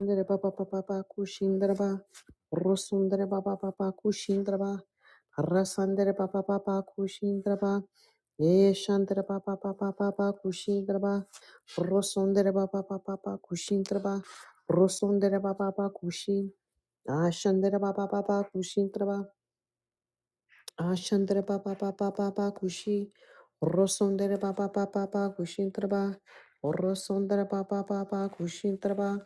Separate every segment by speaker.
Speaker 1: Sundara Baba Baba Baku Shindraba Rosundara Baba Baba Kushindraba Rasandara Baba Baba Kushindraba Yeshandara Baba Baba Baba Kushindraba Rosundara Baba Baba Baba Kushindraba Rosundara Baba Baba Kushi Ashandara Baba Baba Kushindraba Ashandara Baba Baba Baba Kushi Rosundara Baba Baba Baba Kushindraba Rosundara Baba Baba Kushindraba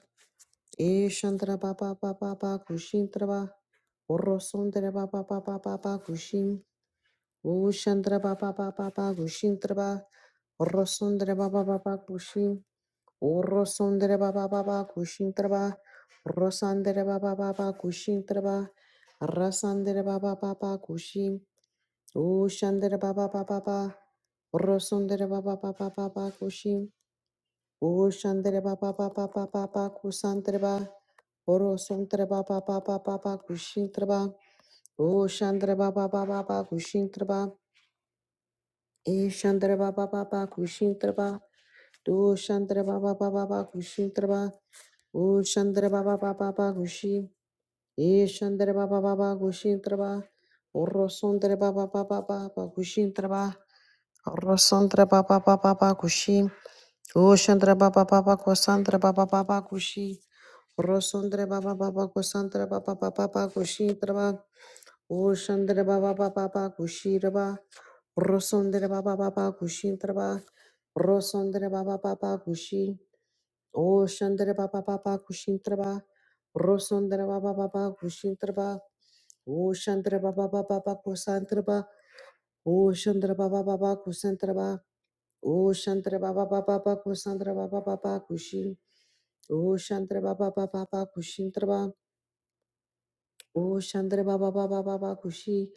Speaker 1: Eshandra ba ba ba ba ba kushin traba. Orosondra ba ba ba ba ba ba kushin. Ushandra ba ba ba ba ba Kushintra ba Orosondra ba ba ba ba kushin. Orosondra ba ba ba ba kushin traba. Rosandra ba ba ba ba kushin traba. Rasandra ba ba ba ba kushin. Ushandra ba ba ba ba ba. Orosondra ba ba ba ba ba ba kushin. O Shandra ba ba ba ba ba ba ba kusantra ba. Oro santra ba ba ba ba ba ba kushintra ba. O Shandra ba ba ba ba ba ba. E Shandra ba ba ba ba ba. Do Shandra ba ba ba ba ba kushintra ba. O Shandra ba ba ba ba ba kushi. E Shandra ba ba ba ba kushintra ba. Oro santra ba ba ba ba ba ba kushintra ba. Oro santra ba ba ba ba ba kushi. Oshandra baba baba kosandra baba baba kushi. Rosondra baba baba kosandra baba baba kushi traba. Oshandra baba baba kushi traba. Rosondra baba baba kushi traba. Rosondra baba baba kushi. Oshandra baba baba kushi traba. Rosondra baba baba kushi traba. Oshandra baba baba kosandra baba. Oshandra baba baba kusantra baba. Oshandra baba baba kosandra baba baba kushi. O Shantra Baba Baba Baba Kushintra Ba. O Shantra Baba Baba Baba Kushi.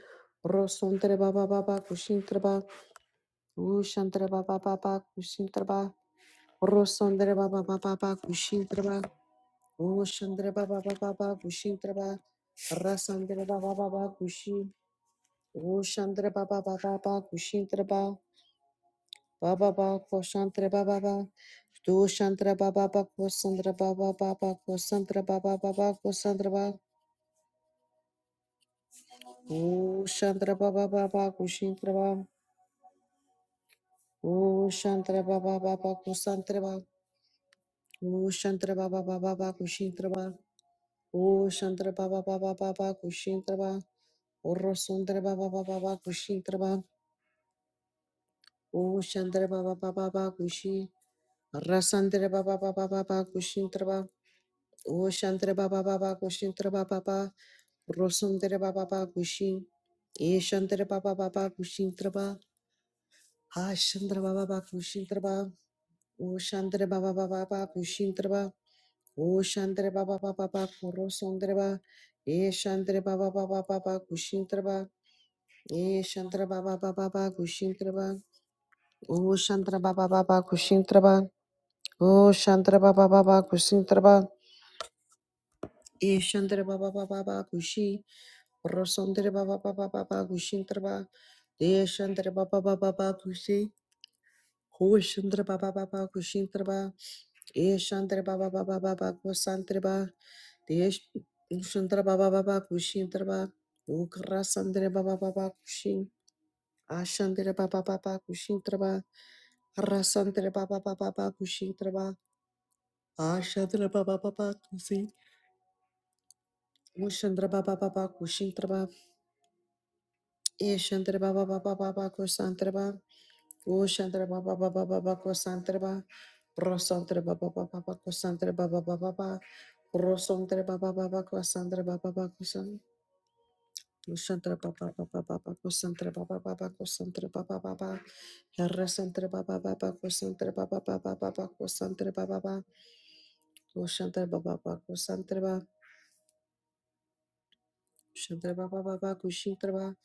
Speaker 1: Rosantra Baba Baba Kushintra Ba. O Shantra Baba Baba Kushintra Ba. Rosantra Baba Baba Baba Kushintra Ba. O Shantra Baba Baba Baba Kushintra Ba. Rasantra Baba Baba Kushi. O Shantra Baba Baba Baba Kushintra Ba. Baba Baba Kushantra Baba Baba. Tu Shantra Baba Baba Kusantra Baba Baba Kusantra Baba Baba Kusantra Ba. O Shantra Baba Baba Kushintraba. O Shantra Baba Baba Kusantraba. O Shantra Baba Baba Baba Kushintraba. O Shantra Baba Baba Baba Kushintraba. O Rosuntra Baba Baba Baba Kushintraba. O Shantra Baba Baba Baba Kushi. Rasantra Baba Baba Baba Kushintraba. O Shantra Baba Baba Kushintraba Baba. Rosuntra Baba Baba Kushi. E Shantra Baba Baba Kushintraba. Ha Shantra Baba Baba Kushintraba. O Shandra Baba Baba Baba Pushintraba. O Shandra Baba Baba Baba Kurosondraba. E Shandra Baba Baba Baba Kushintraba. E Shandra Baba Baba Baba Kushintraba. O Shandra Baba Baba Kushintraba. O Shandra Baba Baba Kushintraba. E Shandra Baba Baba Baba Kushi. Rosondra Baba Baba Baba Kushintraba. E Shandra Baba Baba Baba Kushi. O Shandra Baba Baba Kushintraba. Ishantra Baba Baba Baba Kusantra Ba Ishantra Baba Baba Kushintra Ba Ukrasantra Baba Baba Kushin Ashantra Baba Baba Kushintra Ba Rasantra Baba Baba Baba Kushintra Ba Ashantra Baba Baba Kusin Ushantra Baba Baba Kushintra Ba Ishantra Baba Baba Baba Kusantra Ba Ushantra Baba Baba Baba Kosantraba Rosantra Baba Baba Baba Kosantra Baba Baba Baba Rosantra Baba Baba Kosantra Baba Baba Kosan Ushantra Baba Baba Baba Kosantra Baba Baba Kosantra Baba Baba Harasantra Baba Baba Kosantra Baba Baba Baba Kosantra Baba Baba Ushantra Baba Baba Kosantra Baba Ushantra Baba Baba Kushintra Baba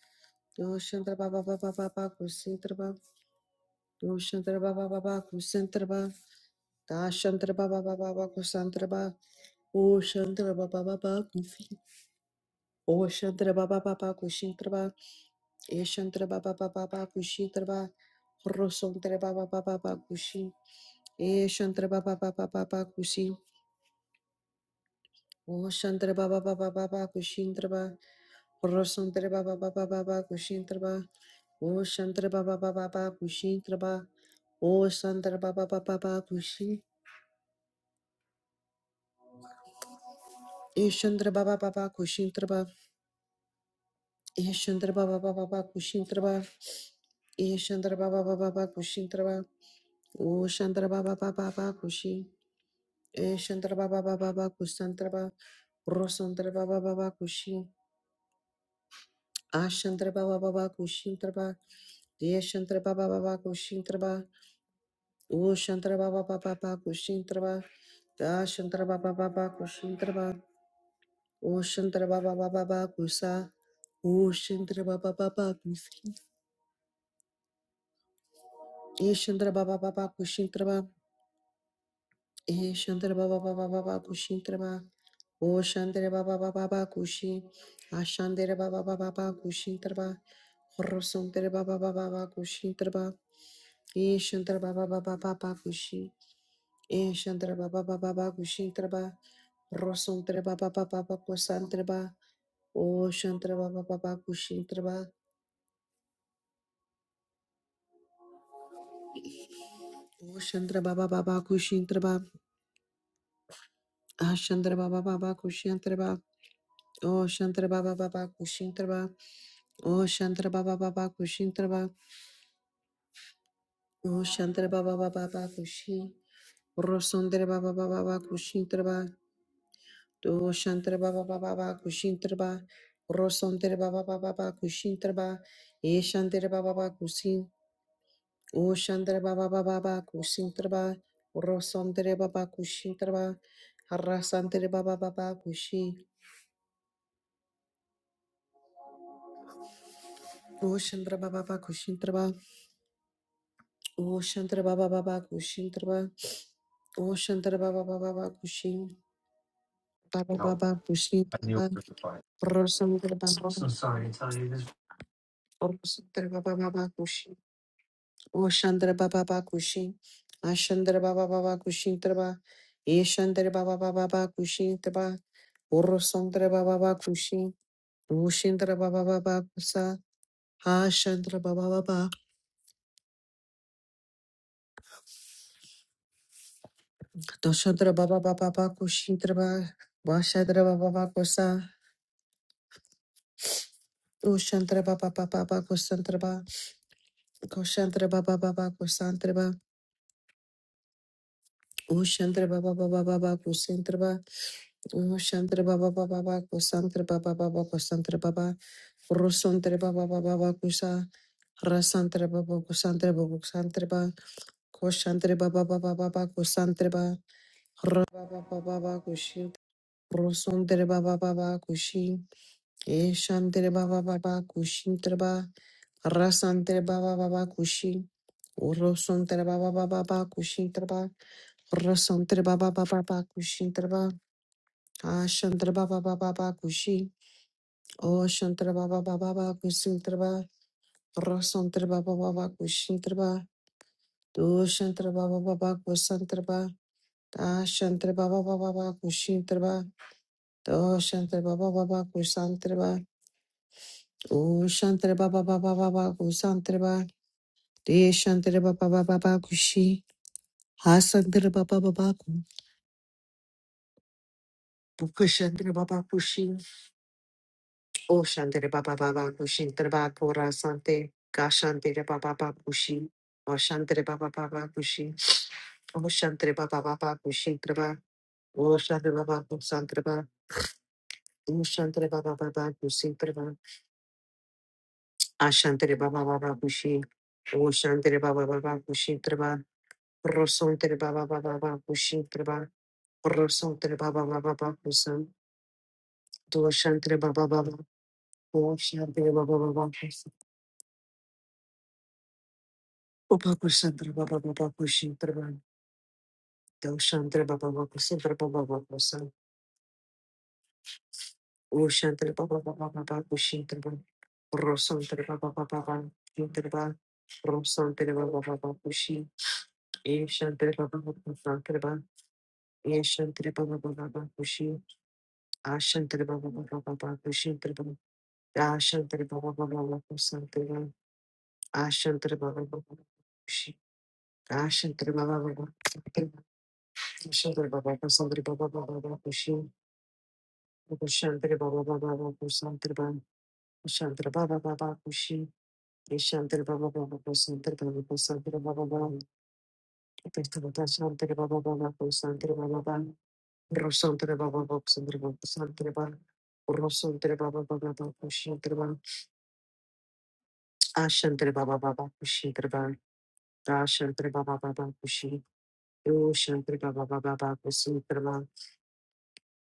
Speaker 1: Ushantra Baba Baba Baba Kusintra Baba Ushantra Baba Baba Kusintra Baba Dashantra Baba Baba Baba Kusantra Baba, O Shantara Baba Baba, O Shantara Baba Baba Kushintraba, E Shantara Baba Baba Baba Kushintraba, Rosontara Baba Baba Baba Kushin, E Shantara Baba Baba Baba Kushin, O Shantara Baba Baba Baba Kushintraba, Rosontara Baba Baba Baba Kushintraba, O Shantara Baba Baba Baba Kushintraba, O Shantara Baba Baba Baba Kushin, E Shantara Baba Baba Kushintraba, Ishandra Baba Baba Baba Kushintraba Ishandra Baba Baba Baba Kushintraba Ushandra Baba Baba Baba Kushi Ishandra Baba Baba Baba Kusantraba Rosantra Baba Baba Kushi Ashantra Baba Baba Kushintraba Yeshantra Baba Baba Kushintraba Ushantra Baba Baba Baba Kushintraba Dashantra Baba Baba Kushintraba Ushantra Baba Baba Baba Kusa Ushantra Baba Baba Kusi Ishandra Baba Baba Kushintraba Eh, Shantara Baba Baba Baba Kushintara Ba. Oh, Shantara Baba Baba Baba Kushi. Ashantara Baba Baba Baba Kushintara Ba. Horosantara Baba Baba Baba Kushintara Ba. Eh, Shantara Baba Baba Baba Kushi. Eh, Shantara Baba Baba Baba Kushintara Ba. Horosantara Baba Baba Baba Kusantara Ba. Oh, Shantara Baba Baba Kushintara Ba. Oh, Shantara Baba Baba Kushintara Ba. Ashantara Baba Baba Kushintara Ba. Oh, Shantara Baba Baba Kushintara Ba. O Shantara Baba Baba Kushintara Ba. O Shantara Baba Baba Baba Kushi. Rosondra Baba Baba Baba Kushintara Ba. O Shantara Baba Baba Baba Kushintara Ba. Rosondra Baba Baba Baba Kushintara Ba. E Shantara Baba Baba Kusin. O Shantara Baba Baba Baba Kushintara Ba. Rosondra Baba Kushintara Ba. Harasantara Baba Baba Kushi. O Shantara Baba Baba Kushintara Ba. O Shantara Baba Baba Kushintara Ba. O Shantara Baba Baba Baba kushi. Baba Baba Kushita Rosandra Baba Rosandra Baba Baba Kushi Oshandra Baba Baba Kushi Ashandra Baba Baba Kushintraba Eshandra Baba Baba Baba Kushintraba Urosandra Baba Baba Kushi Ushindra Baba Baba Kusa Ashandra Baba Baba Doshandra Baba Baba Baba Kushintraba Vashadra Baba Baba Kusa Ushantra Baba Baba Baba Kusantraba Koshantra Baba Baba Kusantraba Ushantra baba baba baba kusantra baba Ushantra baba baba baba kusantra baba baba kusantra baba Rusantra baba baba baba kusa Rasantra baba kusantra baba kusantra baba Kushantra baba baba baba kusantra baba Rababa baba baba kushintra Rusantra baba baba kushi Eshantra baba baba kushintra baba Rasantra baba baba kushi Urusantra baba baba baba kushintra Rasantre baba baba baba kushintre ba. Ashantre baba baba baba kushi. Oshantre baba baba baba kusintre ba. Rasantre baba baba kushintre ba. Doshantre baba baba kusantre ba. Ashantre baba baba baba kushintre ba. Doshantre baba baba kusantre ba. Oshantre baba baba baba kusantre ba. Deshantre baba baba baba kushi. Hasantre baba baba ku. Bukashantre baba kushi. O Shandere Baba Baba Kushin Treba Kora Sante Gashantere Baba Baba Kushi O Shantere Baba Baba Kushi O Shantere Baba Baba Kushin Treba O Shantere Baba Kusan Treba O Shantere Baba Baba Kusin Treba Ashantere Baba Baba Kushi O Shantere Baba Baba Kushin Treba Rosontere Baba Baba Baba Kushin Treba Rosontere Baba Baba Baba Kusan Do Shantere Baba Baba O Shantere Baba Baba Kusan Opa Kusan Treba Baba Baba Kushin Treba Doshandra Baba Sandra Baba Baba San Ushantra Baba Baba Baba Ushintra Rosantra Baba Baba Intraba Rosantra Baba Baba Ushi Eshantra Baba Baba Santra Baba Eshantra Baba Baba Ushi Ashantra Baba Baba Baba Ashantra Baba Baba Santra Ashantra Baba Baba Ushi Ashantra Baba Baba Ashantra Baba Baba Baba Baba Ushi Ashantra Baba Baba Baba Shandra Baba Baba Kushi, Shandra Baba Baba Kusantra Baba Kusantra Baba Baba, Pestavata Shantra Baba Baba Kusantra Baba Baba, Rosantra Baba Baba Kusantra Baba Kusantra Baba, Rosantra Baba Baba Baba Kushantra Baba, Ashantra Baba Baba Kushantra Baba, Ashantra Baba Baba Kushi, Ushantra Baba Baba Baba Kusantra Baba,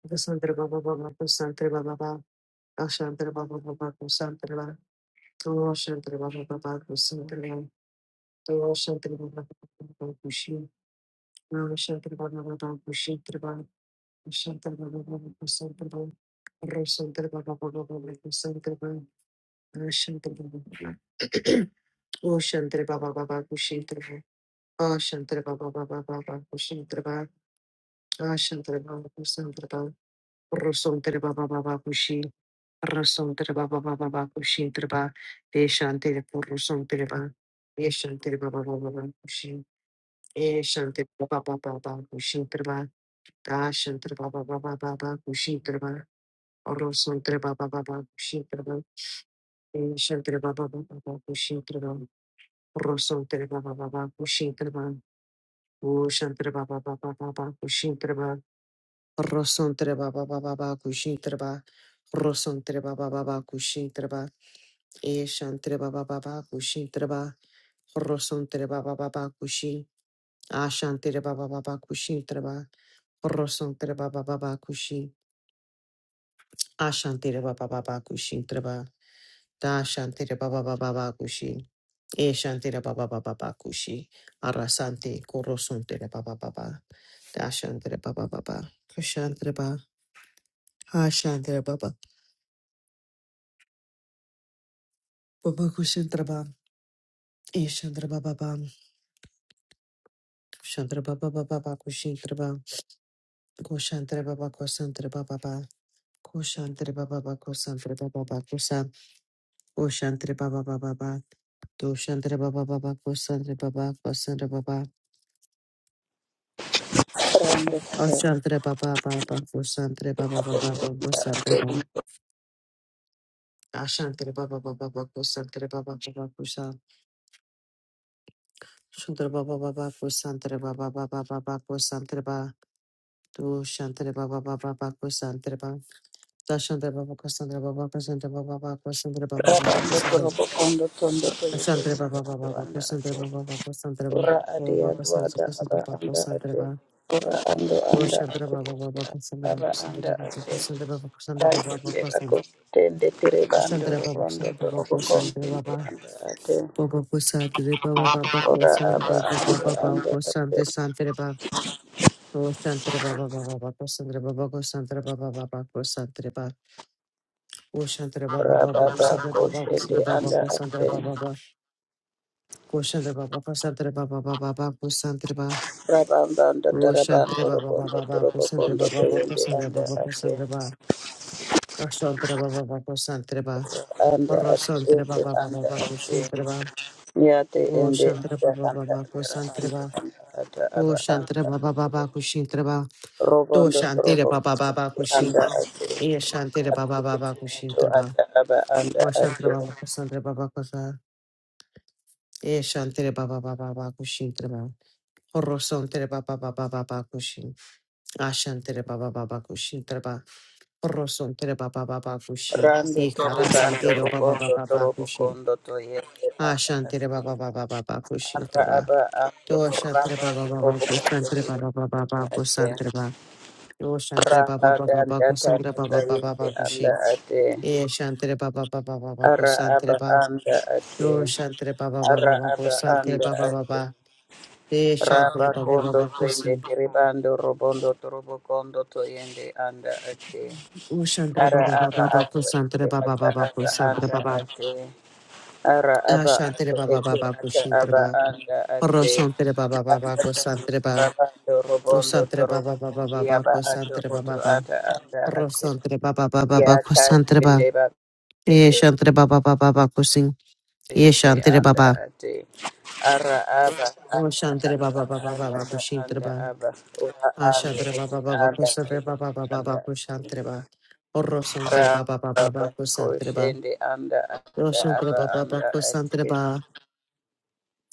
Speaker 1: Vasantra Baba Baba Kusantra Baba Baba, Ashantra Baba Baba Kusantra Baba, Roshantra Baba Baba Kusantra Baba, Shantir Baba Bushi, Shantir Baba Baba Kushi, E Shantri Baba Baba Baba Kushintrava, Da Shantri Baba Baba Baba Kushintrava, Rosantre Baba Baba Kushintrava, E Shantri Baba Baba Baba Kushintrava, Rosantre Baba Baba Kushintrava, O Shantri Baba Baba Baba Kushintrava, Rosantre Baba Baba Baba Kushintrava, Rosantre Baba Baba Kushintrava, E Shantri Baba Baba Kushintrava, Rosantre Baba Baba Kushin, Ashantre Baba Baba Kushintrava, Rosantere baba baba kushi. Ashantere baba baba kushi treba. Da shantere baba baba kushi. E shantere baba baba kushi. Arasante korosontere baba baba. Da shantere baba baba. Kushantere ba. Ha shantere baba. Baba kushintere ba. E shantere baba baba. Kushantere baba baba kushintere ba. Kushantere baba kusantere baba baba. Kushantere baba baba kusantere baba baba kusa. Kushantere baba baba. Do Doshantre baba baba kosantre baba kosantre baba
Speaker 2: Rando koro,
Speaker 1: ashantre baba baba kosantre baba baba baba kosantre baba ashantre baba baba baba kosantre baba baba kosa shantre baba baba kosantre baba baba baba kosantre baba Do doshantre baba baba baba kosantre baba dashantre baba kosantre baba kosantre baba baba kosantre baba baba
Speaker 2: rabando koro
Speaker 1: kosantre
Speaker 2: bokondo tondo toyo toyo
Speaker 1: ashantre baba baba
Speaker 2: ando
Speaker 1: baba
Speaker 2: anda
Speaker 1: kosantre
Speaker 2: ate.
Speaker 1: baba baba kosantre baba
Speaker 2: Ora ade
Speaker 1: baba kosantre
Speaker 2: adwada aba
Speaker 1: kosantre baba
Speaker 2: anda
Speaker 1: kosantre
Speaker 2: ate.
Speaker 1: baba
Speaker 2: Ora ando anda
Speaker 1: Shandra
Speaker 2: ate
Speaker 1: Baba Baba
Speaker 2: ete
Speaker 1: Sandra Baba
Speaker 2: aba anda
Speaker 1: Sandra
Speaker 2: ate.
Speaker 1: Baba Sandra Baba Sandra Baba
Speaker 2: Tatende
Speaker 1: Baba
Speaker 2: ako tende tere bando
Speaker 1: Sandra Baba
Speaker 2: rondo
Speaker 1: Sandra
Speaker 2: toro
Speaker 1: Baba
Speaker 2: bokondo
Speaker 1: Sandra
Speaker 2: tende
Speaker 1: Baba
Speaker 2: anda ate.
Speaker 1: Baba Sandra Baba Baba
Speaker 2: Ora
Speaker 1: Sandra
Speaker 2: aba
Speaker 1: Baba
Speaker 2: ando anda
Speaker 1: Baba
Speaker 2: ate.
Speaker 1: Sandra Sandra Baba O Sandra Baba Baba Baba Sandra Baba Sandra Baba Baba Sandra Baba O Sandra Baba Baba
Speaker 2: Rababa
Speaker 1: Sandra Baba
Speaker 2: koshende
Speaker 1: Sandra
Speaker 2: anda
Speaker 1: Baba Sandra
Speaker 2: ate.
Speaker 1: Baba Baba O Sandra Baba Sandra Baba Baba Baba Sandra Baba
Speaker 2: Rabamba anda
Speaker 1: O
Speaker 2: tarabando
Speaker 1: Sandra Baba
Speaker 2: robondo
Speaker 1: Baba
Speaker 2: toro
Speaker 1: Baba Sandra
Speaker 2: bokondo
Speaker 1: Baba
Speaker 2: toyo
Speaker 1: Baba
Speaker 2: nde
Speaker 1: Sandra
Speaker 2: anda
Speaker 1: Baba
Speaker 2: ate.
Speaker 1: Sandra Baba Shantra Baba Baba Shantra
Speaker 2: anda
Speaker 1: Oro
Speaker 2: ate
Speaker 1: santre ba ba ba ba
Speaker 2: anda
Speaker 1: ba
Speaker 2: ada
Speaker 1: kushintre ba.
Speaker 2: ya yate
Speaker 1: O
Speaker 2: ende
Speaker 1: shantre
Speaker 2: ada,
Speaker 1: ba ba ba
Speaker 2: anda
Speaker 1: ba
Speaker 2: ada,
Speaker 1: kusantre
Speaker 2: anda
Speaker 1: ba.
Speaker 2: anda ada
Speaker 1: O
Speaker 2: aba
Speaker 1: shantre
Speaker 2: anda
Speaker 1: ba ba ba
Speaker 2: ate
Speaker 1: ba kushintre ba. Do
Speaker 2: robondo
Speaker 1: shantere
Speaker 2: robo
Speaker 1: ba ba ba ba kushin.
Speaker 2: anda ate
Speaker 1: E shantere ba
Speaker 2: ate
Speaker 1: ba ba ba
Speaker 2: ete ato
Speaker 1: kushintre ba.
Speaker 2: ada aba anda
Speaker 1: O shantre
Speaker 2: ate
Speaker 1: ba ba kusantre ba ba kusa. E shantere ba ba ba ba ba kushintre ba. Oro santre ba ba ba ba ba kushin. A shantere ba ba ba ba ba. Oro santre ba ba ba ba kushin.
Speaker 2: rande
Speaker 1: E kara
Speaker 2: torobando
Speaker 1: santere ba ba ba
Speaker 2: robondo
Speaker 1: ba ba
Speaker 2: torobo
Speaker 1: kushin.
Speaker 2: kondo to yete
Speaker 1: A
Speaker 2: anda
Speaker 1: shantere ba
Speaker 2: ate
Speaker 1: ba ba ba ba ba
Speaker 2: arra
Speaker 1: kushintre
Speaker 2: aba ando
Speaker 1: Do shantre
Speaker 2: raba
Speaker 1: ba ba ba ba
Speaker 2: robo
Speaker 1: ko
Speaker 2: kondo
Speaker 1: shantre
Speaker 2: to
Speaker 1: ba ba ba
Speaker 2: yete
Speaker 1: ba
Speaker 2: anda
Speaker 1: ko
Speaker 2: ate
Speaker 1: shantre ba. Do shantre ba
Speaker 2: raba
Speaker 1: ba ba ba
Speaker 2: dan
Speaker 1: ba ko
Speaker 2: data
Speaker 1: shantre ba
Speaker 2: data
Speaker 1: ba ba ba
Speaker 2: yete
Speaker 1: ko shi.
Speaker 2: anda ate
Speaker 1: E shantre ba ba ba ba ba ko
Speaker 2: Ara
Speaker 1: shantre
Speaker 2: aba
Speaker 1: ba.
Speaker 2: anda
Speaker 1: Do
Speaker 2: ate.
Speaker 1: shantre ba ba ba ba
Speaker 2: Ara
Speaker 1: ba ko
Speaker 2: aba
Speaker 1: shantre
Speaker 2: anda
Speaker 1: ba ba ba ba.
Speaker 2: ate.
Speaker 1: E shantre
Speaker 2: Raba
Speaker 1: ba ba ba
Speaker 2: kondo
Speaker 1: ko si.
Speaker 2: twende tiribando robondo torobo kondo toyende anda ate.
Speaker 1: O shantre ba
Speaker 2: Ara
Speaker 1: ba ba
Speaker 2: aba
Speaker 1: ba ba
Speaker 2: ato
Speaker 1: ko
Speaker 2: ete
Speaker 1: shantre ba ba
Speaker 2: ata
Speaker 1: ba ba ko
Speaker 2: aba
Speaker 1: shantre
Speaker 2: anda
Speaker 1: ba ba.
Speaker 2: ate. Ara
Speaker 1: A
Speaker 2: aba
Speaker 1: shantre
Speaker 2: ato
Speaker 1: ba ba ba
Speaker 2: ete
Speaker 1: ba ko
Speaker 2: ata
Speaker 1: shantre
Speaker 2: aba
Speaker 1: ba.
Speaker 2: anda
Speaker 1: Ro
Speaker 2: ate.
Speaker 1: shantre ba ba ba ba
Speaker 2: Anda
Speaker 1: ko
Speaker 2: ate
Speaker 1: shantre ba.
Speaker 2: rabando
Speaker 1: O
Speaker 2: robondo
Speaker 1: shantre ba
Speaker 2: torobo
Speaker 1: ba ba ba ba
Speaker 2: kondi
Speaker 1: ba
Speaker 2: aba
Speaker 1: ko
Speaker 2: ato
Speaker 1: shantre ba ba
Speaker 2: oto
Speaker 1: ba.
Speaker 2: ata anda ate.
Speaker 1: Rosantre baba baba baba
Speaker 2: Ya ta
Speaker 1: kusantre baba.
Speaker 2: twende ba.
Speaker 1: Yeshantre baba baba baba kusin.
Speaker 2: ende
Speaker 1: Yeshantre
Speaker 2: anda
Speaker 1: baba.
Speaker 2: ate ara aba
Speaker 1: Roshantre
Speaker 2: ara
Speaker 1: baba
Speaker 2: anda
Speaker 1: baba baba
Speaker 2: anda
Speaker 1: kushintre
Speaker 2: anda
Speaker 1: baba.
Speaker 2: aba ura ande
Speaker 1: Ashantre
Speaker 2: ete
Speaker 1: baba baba
Speaker 2: anda te
Speaker 1: kusantre baba baba
Speaker 2: anda
Speaker 1: baba
Speaker 2: ate
Speaker 1: kushantre baba.
Speaker 2: ra
Speaker 1: Rosantre baba baba
Speaker 2: aba
Speaker 1: baba kusantre baba.
Speaker 2: koshende anda anda
Speaker 1: Roshantre
Speaker 2: aba
Speaker 1: baba baba
Speaker 2: anda
Speaker 1: kusantre
Speaker 2: ate
Speaker 1: baba.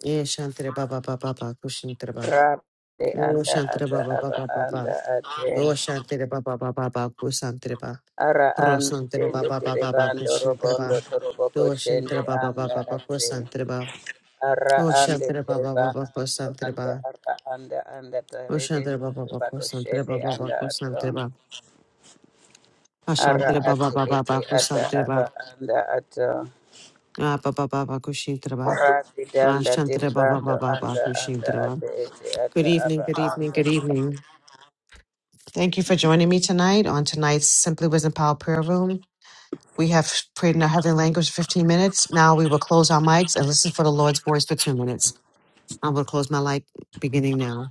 Speaker 1: Yeshantre baba baba baba kushintre baba.
Speaker 2: ra te anda
Speaker 1: Roshantre
Speaker 2: ata
Speaker 1: baba
Speaker 2: aba
Speaker 1: baba baba.
Speaker 2: anda ate
Speaker 1: Roshantre baba baba baba kusantre ba.
Speaker 2: ara ande
Speaker 1: Rosantre ba
Speaker 2: tende
Speaker 1: ba ba
Speaker 2: tere
Speaker 1: ba ba
Speaker 2: bando
Speaker 1: kushintre ba.
Speaker 2: robondo torobo koshende
Speaker 1: Doshintre ba ba ba
Speaker 2: anda
Speaker 1: ba ba
Speaker 2: ate
Speaker 1: kusantre ba.
Speaker 2: Ara ande
Speaker 1: Oshantre ba ba ba
Speaker 2: tereba
Speaker 1: ba
Speaker 2: ando
Speaker 1: kusantre ba.
Speaker 2: anda ara anda anda terede
Speaker 1: Oshantre ba ba ba
Speaker 2: tereba
Speaker 1: kusantre
Speaker 2: koshende
Speaker 1: ba ba ba
Speaker 2: anda
Speaker 1: kusantre
Speaker 2: ato.
Speaker 1: ba.
Speaker 2: Ara
Speaker 1: Ashantre ba ba
Speaker 2: ate
Speaker 1: ba ba
Speaker 2: ete
Speaker 1: ba
Speaker 2: ata
Speaker 1: kusantre ba.
Speaker 2: aba anda ato.
Speaker 1: Ah ba ba ba ba kushintre ba.
Speaker 2: Rati danda
Speaker 1: Ashantre ba ba
Speaker 2: tiribando
Speaker 1: ba ba ba
Speaker 2: anda anda
Speaker 1: kushintre ba.
Speaker 2: ate ete
Speaker 1: Good
Speaker 2: ata
Speaker 1: evening,
Speaker 2: aba
Speaker 1: good evening,
Speaker 2: anda.
Speaker 1: good evening. Thank you for joining me tonight on tonight's Simply Wisdom Power Prayer Room. We have prayed in our heavenly language for 15 minutes. Now we will close our mics and listen for the Lord's voice for two minutes. I will close my mic beginning now.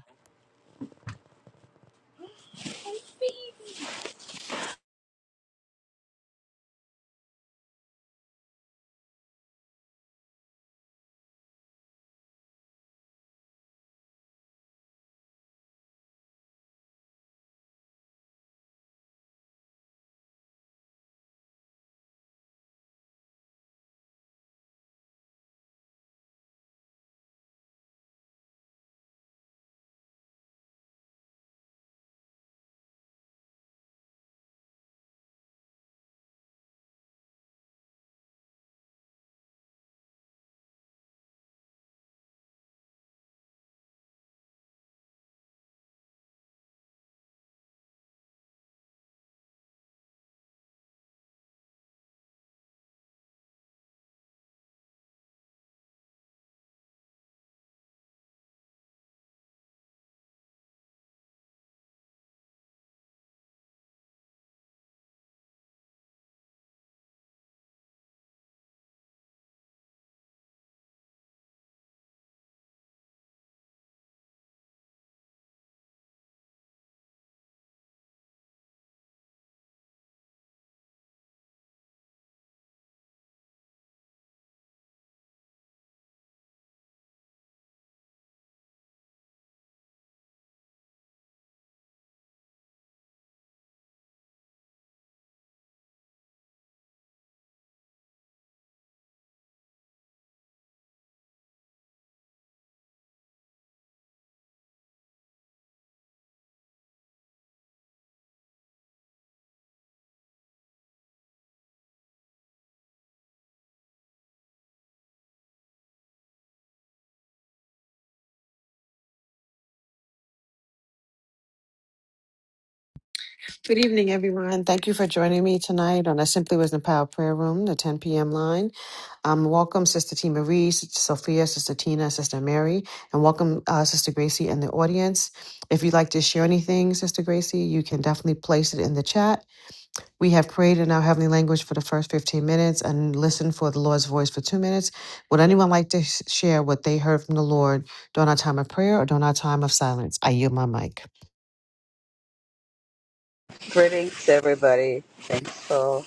Speaker 1: Good evening, everyone. Thank you for joining me tonight on I Simply Wisdom Power Prayer Room, the 10 p.m. line. Um, welcome, Sister T. Marie, Sister Sophia, Sister Tina, Sister Mary, and welcome, uh, Sister Gracie, in the audience. If you'd like to share anything, Sister Gracie, you can definitely place it in the chat. We have prayed in our heavenly language for the first 15 minutes and listened for the Lord's voice for two minutes. Would anyone like to sh- share what they heard from the Lord during our time of prayer or during our time of silence? I yield my mic.
Speaker 2: Greetings everybody. Thanks for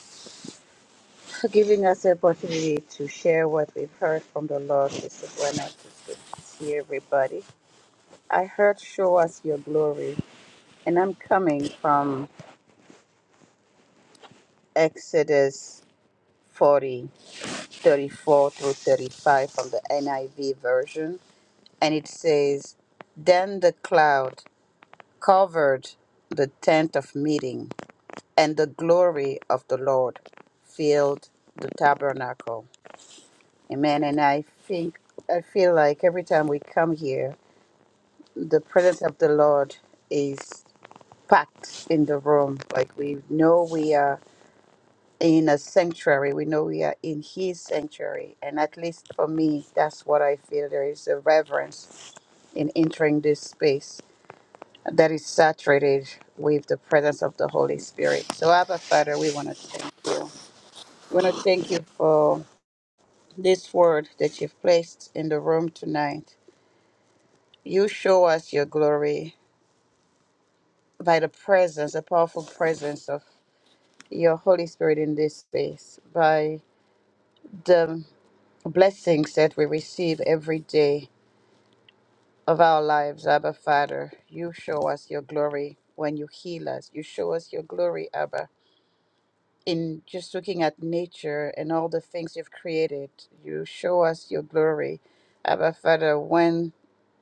Speaker 2: for giving us the opportunity to share what we've heard from the Lord. This is when good to see everybody. I heard show us your glory and I'm coming from Exodus 40 34 through 35 from the NIV version. And it says, Then the cloud covered the tent of meeting, and the glory of the Lord filled the tabernacle. Amen. And I think, I feel like every time we come here, the presence of the Lord is packed in the room. Like we know we are in a sanctuary. We know we are in His sanctuary. And at least for me, that's what I feel. There is a reverence in entering this space that is saturated with the presence of the Holy Spirit. So, Abba Father, we want to thank you. We want to thank you for this word that you've placed in the room tonight. You show us your glory by the presence, the powerful presence of your Holy Spirit in this space, by the blessings that we receive every day of our lives, Abba Father. You show us your glory when you heal us. You show us your glory, Abba. In just looking at nature and all the things you've created, you show us your glory, Abba Father, when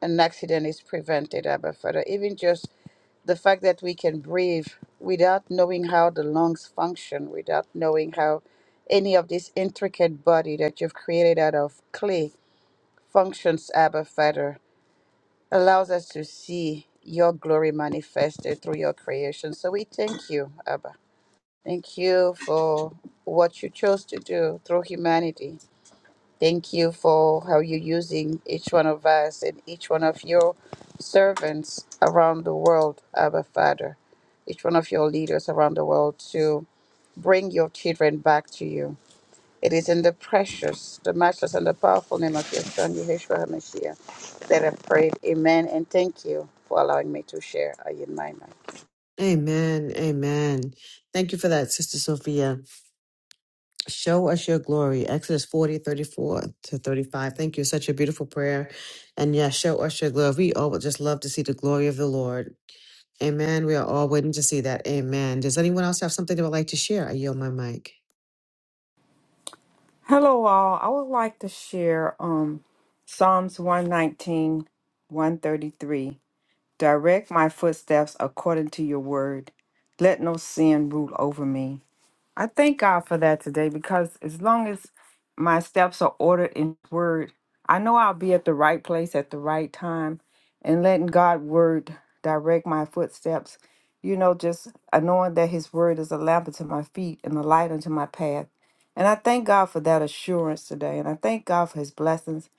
Speaker 2: an accident is prevented, Abba Father. Even just the fact that we can breathe without knowing how the lungs function, without knowing how any of this intricate body that you've created out of clay functions, Abba Father allows us to see your glory manifested through your creation. So we thank you, Abba. Thank you for what you chose to do through humanity. Thank you for how you're using each one of us and each one of your servants around the world, Abba Father, each one of your leaders around the world to bring your children back to you it is in the precious, the matchless, and the powerful name of your Son, Yeshua HaMashiach, that I prayed. Amen. And thank you for allowing me to share. I in my mic.
Speaker 1: Amen. Amen. Thank you for that, Sister Sophia. Show us your glory. Exodus 40 34 to 35. Thank you. Such a beautiful prayer. And yeah, show us your glory. We all would just love to see the glory of the Lord. Amen. We are all waiting to see that. Amen. Does anyone else have something they would like to share? I yield my mic.
Speaker 3: Hello, all. I would like to share um, Psalms one nineteen, one thirty three. Direct my footsteps according to your word. Let no sin rule over me. I thank God for that today because as long as my steps are ordered in His word, I know I'll be at the right place at the right time and letting God word direct my footsteps. You know, just uh, knowing that his word is a lamp unto my feet and a light unto my path. And I thank God for that assurance today. And I thank God for his blessings.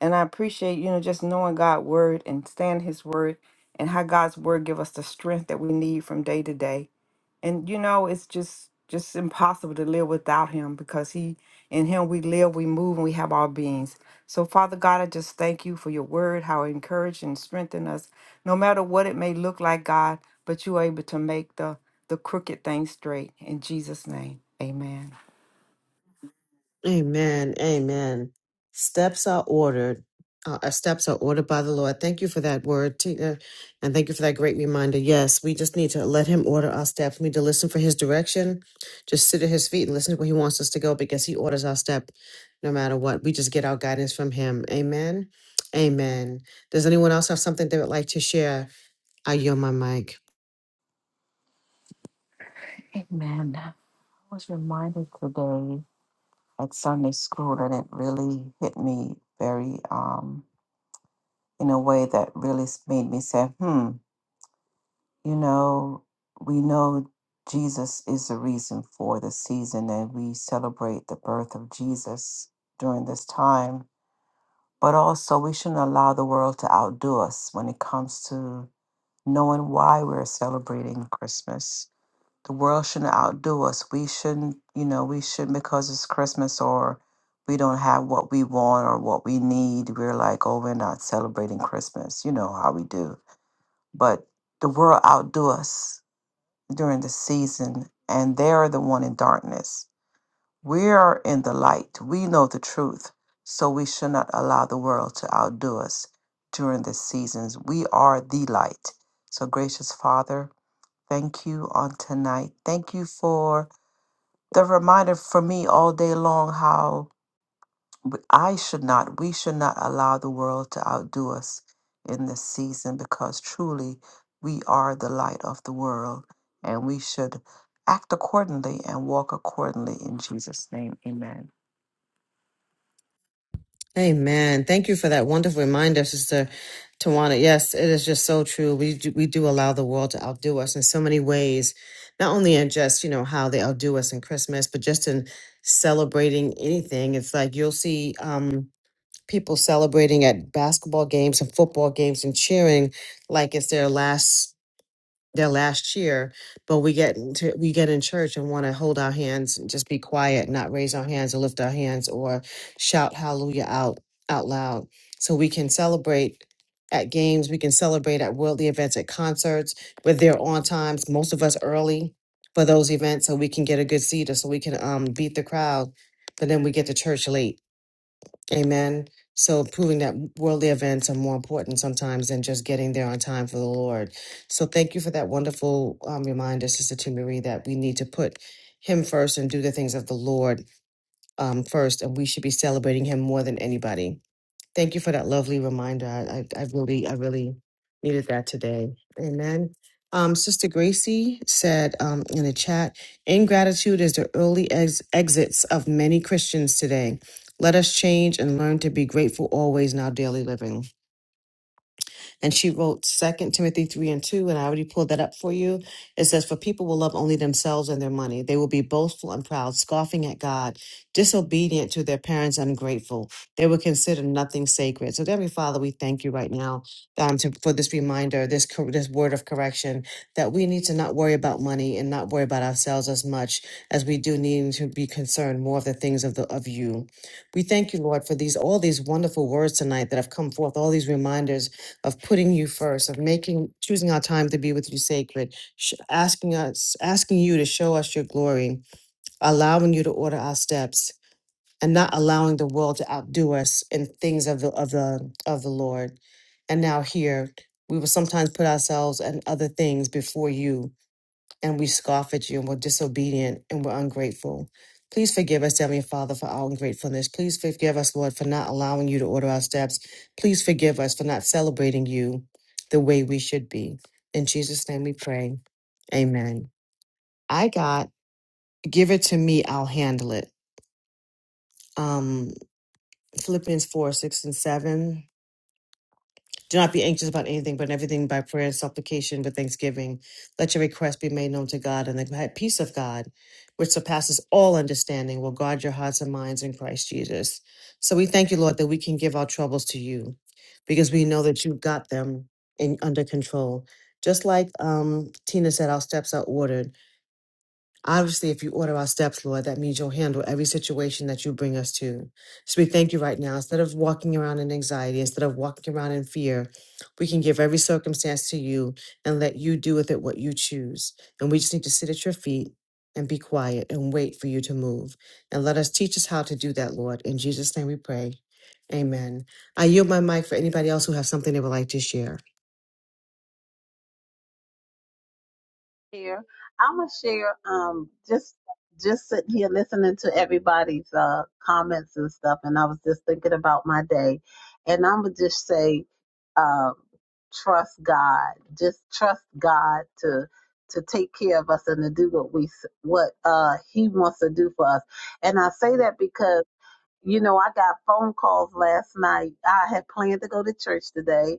Speaker 3: And I appreciate, you know, just knowing God's word and stand his word and how God's word give us the strength that we need from day to day and you know it's just just impossible to live without him because he in him we live we move and we have our beings so father god i just thank you for your word how it encouraged and strengthened us no matter what it may look like god but you are able to make the the crooked things straight in jesus name amen
Speaker 1: Amen. Amen. Steps are ordered. Uh, our steps are ordered by the Lord. Thank you for that word, Tina. And thank you for that great reminder. Yes, we just need to let Him order our steps. We need to listen for His direction. Just sit at His feet and listen to where He wants us to go because He orders our step no matter what. We just get our guidance from Him. Amen. Amen. Does anyone else have something they would like to share? I yield my mic.
Speaker 4: Amen. I was reminded today at Sunday school that it really hit me very, um, in a way that really s- made me say, hmm, you know, we know Jesus is the reason for the season and we celebrate the birth of Jesus during this time. But also, we shouldn't allow the world to outdo us when it comes to knowing why we're celebrating Christmas The world shouldn't outdo us. We shouldn't, you know, we shouldn't because it's Christmas or we don't have what we want or what we need. We're like, oh, we're not celebrating Christmas. You know how we do. But the world outdo us during the season, and they're the one in darkness. We are in the light. We know the truth. So we should not allow the world to outdo us during the seasons. We are the light. So, gracious Father, thank you on tonight. Thank you for the reminder for me all day long how w- I should not, we should not allow the world to outdo us in this season because truly we are the light of the world and we should act accordingly and walk accordingly in Jesus' name. Amen.
Speaker 1: Amen. Thank you for that wonderful reminder, Sister Tawana. Yes, it is just so true. We do, we do allow the world to outdo us in so many ways, not only in just, you know, how they outdo us in Christmas, but just in celebrating anything. It's like you'll see um, people celebrating at basketball games and football games and cheering like it's their last their last year, but we get into, we get in church and want to hold our hands and just be quiet, not raise our hands or lift our hands or shout hallelujah out out loud. So we can celebrate at games, we can celebrate at worldly events, at concerts. We're there on times, most of us early for those events, so we can get a good seat or so we can um beat the crowd. But then we get to church late Amen. So proving that worldly events are more important sometimes than just getting there on time for the Lord. So thank you for that wonderful um, reminder, Sister T. Marie, that we need to put Him first and do the things of the Lord um, first, and we should be celebrating Him more than anybody Thank you for that lovely reminder. I, I, I really, I really needed that today. Amen. Um, Sister Gracie said um, in the chat, ingratitude is the early ex- exits of many Christians today. Let us change and learn to be grateful always in our daily living. And she wrote Second Timothy 3 and 2, and I already pulled that up for you. It says, For people will love only themselves and their money. They will be boastful and proud, scoffing at God, disobedient to their parents, ungrateful. They will consider nothing sacred. So, Heavenly Father, we thank you right now um, to, for this reminder, this, cor- this word of correction, that we need to not worry about money and not worry about ourselves as much as we do need to be concerned more of the things of the of you. We thank you, Lord, for these all these wonderful words tonight that have come forth, all these reminders of putting you first, of making, choosing our time to be with you sacred, sh- asking us, asking you to show us your glory, allowing you to order our steps, and not allowing the world to outdo us in things of the of the of the Lord. And now here we will sometimes put ourselves and other things before you and we scoff at you and we're disobedient and we're ungrateful. Please forgive us, Heavenly Father, for our ungratefulness. Please forgive us, Lord, for not allowing you to order our steps. Please forgive us for not celebrating you the way we should be. In Jesus' name we pray. Amen. I got, give it to me, I'll handle it. Um, Philippians 4, 6, and 7. Do not be anxious about anything, but in everything by prayer and supplication with thanksgiving. Let your requests be made known to God, and the peace of God, which surpasses all understanding, will guard your hearts and minds in Christ Jesus. So we thank you, Lord, that we can give our troubles to you because we know that you've got them in under control. Just like um, Tina said, our steps are ordered. Obviously, if you order our steps, Lord, that means you'll handle every situation that you bring us to. So we thank you right now. Instead of walking around in anxiety, instead of walking around in fear, we can give every circumstance to you and let you do with it what you choose. And we just need to sit at your feet and be quiet and wait for you to move. And let us teach us how to do that, Lord. In Jesus' name we pray. Amen. I yield my mic for anybody else who has something they would like to share.
Speaker 5: share. I'm gonna share. Um, just just sitting here listening to everybody's uh comments and stuff, and I was just thinking about my day, and I'm gonna just say, um, trust God. Just trust God to to take care of us and to do what we s- what uh He wants to do for us. And I say that because. You know, I got phone calls last night. I had planned to go to church today,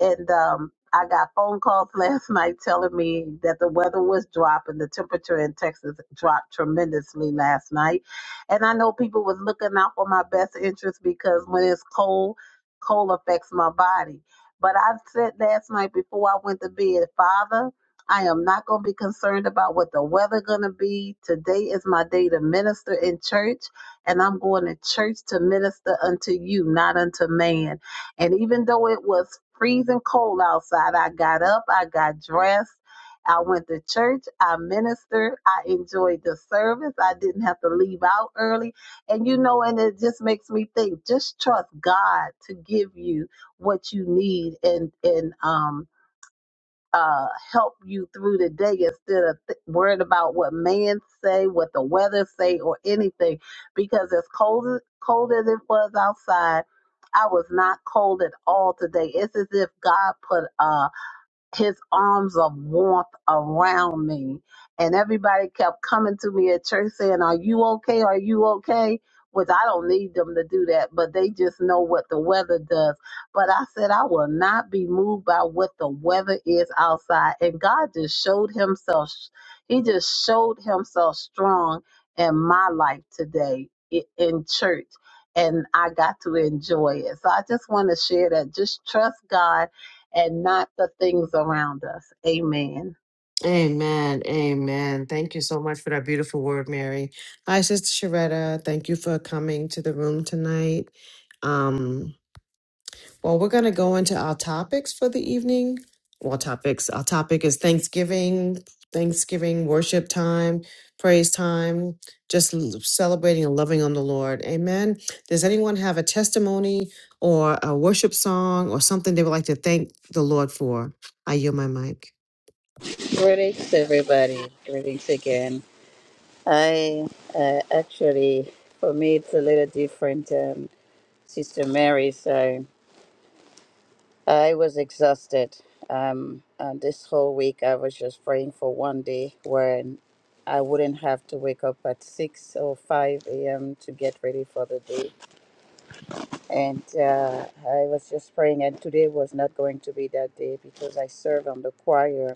Speaker 5: and um, I got phone calls last night telling me that the weather was dropping. The temperature in Texas dropped tremendously last night, and I know people was looking out for my best interest because when it's cold, cold affects my body. But I said last night before I went to bed, Father. I am not going to be concerned about what the weather going to be. Today is my day to minister in church and I'm going to church to minister unto you, not unto man. And even though it was freezing cold outside, I got up, I got dressed. I went to church. I ministered. I enjoyed the service. I didn't have to leave out early. And you know, and it just makes me think, just trust God to give you what you need and and um uh, help you through the day instead of th- worrying about what man say, what the weather say, or anything. Because as cold as cold as it was outside, I was not cold at all today. It's as if God put a his arms of warmth around me. And everybody kept coming to me at church saying, Are you okay? Are you okay? Which I don't need them to do that, but they just know what the weather does. But I said, I will not be moved by what the weather is outside. And God just showed himself, he just showed himself strong in my life today i- in church. And I got to enjoy it. So I just want to share that. Just trust God and not the things around us. Amen.
Speaker 1: Amen. Amen. Thank you so much for that beautiful word, Mary. Hi, Sister Sharetta. Thank you for coming to the room tonight. Um, well, we're going to go into our topics for the evening. Well, topics. Our topic is Thanksgiving, Thanksgiving worship time, praise time, just l- celebrating and loving on the Lord. Amen. Does anyone have a testimony or a worship song or something they would like to thank the Lord for? I yield my mic.
Speaker 2: Greetings, everybody. Greetings again. I uh, actually, for me, it's a little different, um, Sister Mary. So I was exhausted. Um, and this whole week, I was just praying for one day when I wouldn't have to wake up at 6 or 5 a.m. to get ready for the day And uh, I was just praying, and today was not going to be that day because I serve on the choir,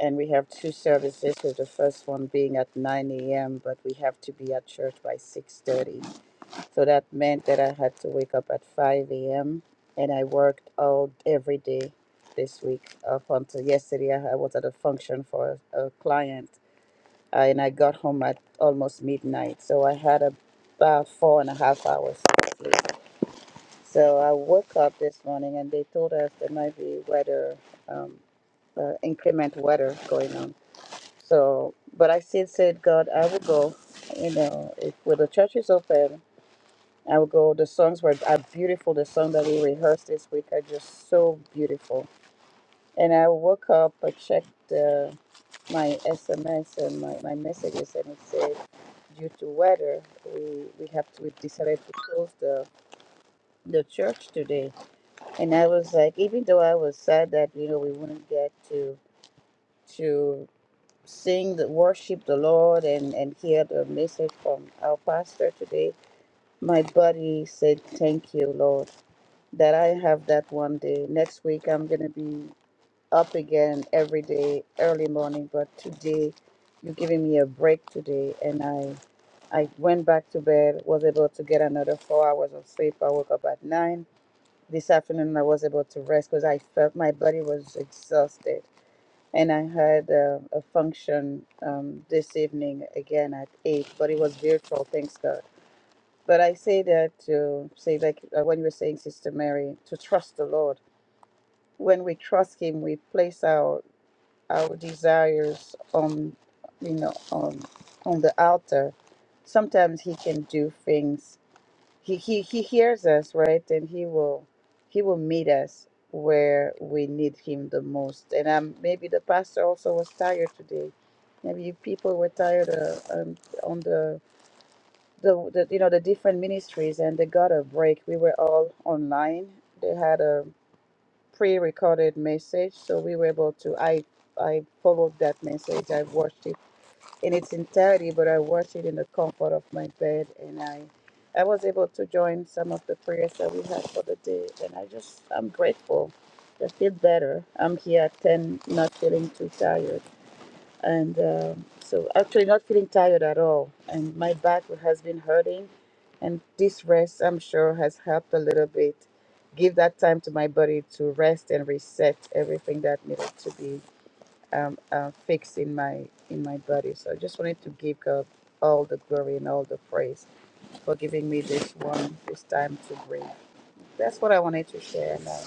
Speaker 2: and we have two services. With the first one being at 9 a.m., but we have to be at church by 6:30. So that meant that I had to wake up at 5 a.m. and I worked all every day this week up until yesterday. I I was at a function for a, a client, uh, and I got home at almost midnight. So I had about four and a half hours. So I woke up this morning and they told us there might be weather, um, uh, inclement weather going on. So, but I still said, God, I will go. You know, if when the church is open, I will go. The songs were are beautiful. The song that we rehearsed this week are just so beautiful. And I woke up, I checked uh, my SMS and my, my messages, and it said, due to weather, we, we have to, we decided to close the, the church today And I was like, even though I was sad that you know we wouldn't get to to sing the worship the Lord and and hear the message from our pastor today, my body said, "Thank you, Lord, that I have that one day. Next week I'm gonna be up again every day, early morning. But today, you're giving me a break today, and I." I went back to bed, was able to get another four hours of sleep. I woke up at nine this afternoon, I was able to rest because I felt my body was exhausted. And I had uh, a function um, this evening again at 8, but it was virtual, thanks God. But I say that to say, like uh, when you were saying, Sister Mary, to trust the Lord. When we trust Him, we place our our desires on, you know, on on the altar. Sometimes He can do things he, he he hears us right and he will he will meet us where we need him the most and um maybe the pastor also was tired today maybe you people were tired uh, um, on the, the the you know the different ministries and they got a break we were all online they had a pre-recorded message so we were able to i i followed that message i watched it in its entirety, but I watched it in the comfort of my bed, and I, I was able to join some of the prayers that we had for the day, and I just, I'm grateful. I feel better. I'm here at ten, not feeling too tired, and um, so actually not feeling tired at all. And my back has been hurting, and this rest, I'm sure, has helped a little bit. Give that time to my body to rest and reset everything that needed to be um, uh, fixed in my in my body. So I just wanted to give God all the glory and all the praise for giving me this one this time to breathe. That's what I wanted to share. And I,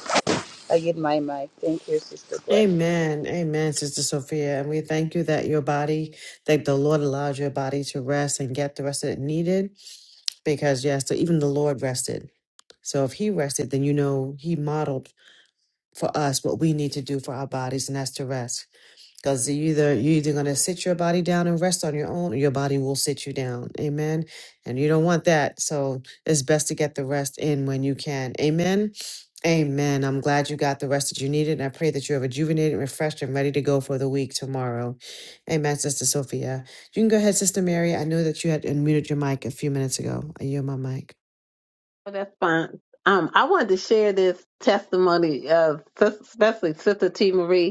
Speaker 2: I yield my mic. Thank you, Sister Gwen.
Speaker 1: Amen. Amen, Sister Sophia. And we thank you that your body, that the Lord allowed your body to rest and get the rest that it needed. Because, yes, so even the Lord rested. So if He rested, then you know He modeled for us what we need to do for our bodies, and that's to rest. Because you either you're either gonna sit your body down and rest on your own, or your body will sit you down. Amen. And you don't want that. So it's best to get the rest in when you can. Amen. Amen. I'm glad you got the rest that you needed. And I pray that you're rejuvenated, refreshed, and ready to go for the week tomorrow. Amen, Sister Sophia. You can go ahead, Sister Mary. I know that you had unmuted your mic a few minutes ago. I yield my mic.
Speaker 5: Well, that's fine. Um, I wanted to share this testimony of, especially Sister T. Marie.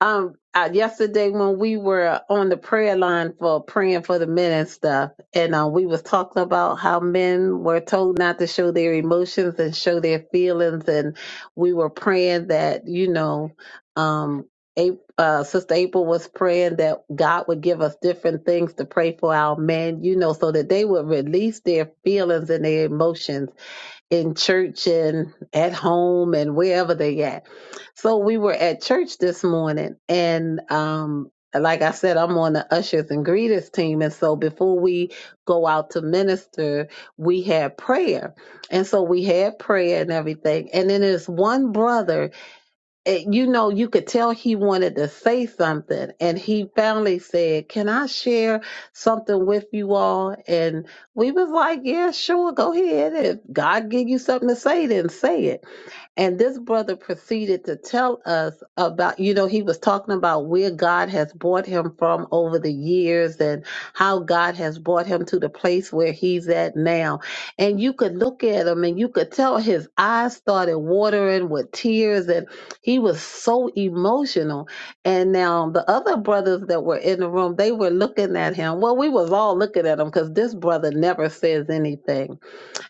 Speaker 5: Um, uh, yesterday when we were on the prayer line for praying for the men and stuff, and uh, we was talking about how men were told not to show their emotions and show their feelings, and we were praying that you know, um, A- uh, Sister April was praying that God would give us different things to pray for our men, you know, so that they would release their feelings and their emotions in church and at home and wherever they at. So we were at church this morning and um like I said, I'm on the ushers and greeters team. And so before we go out to minister, we had prayer. And so we had prayer and everything. And then there's one brother eh, you know, you could tell he wanted to say something, and he finally said, "Can I share something with you all?" And we was like, "Yeah, sure, go ahead. If God give you something to say, then say it." And this brother proceeded to tell us about, you know, he was talking about where God has brought him from over the years and how God has brought him to the place where he's at now. And you could look at him and you could tell his eyes started watering with tears and he was so emotional. And now the other brothers that were in the room, they were looking at him. Well, we was all looking at him because this brother never says anything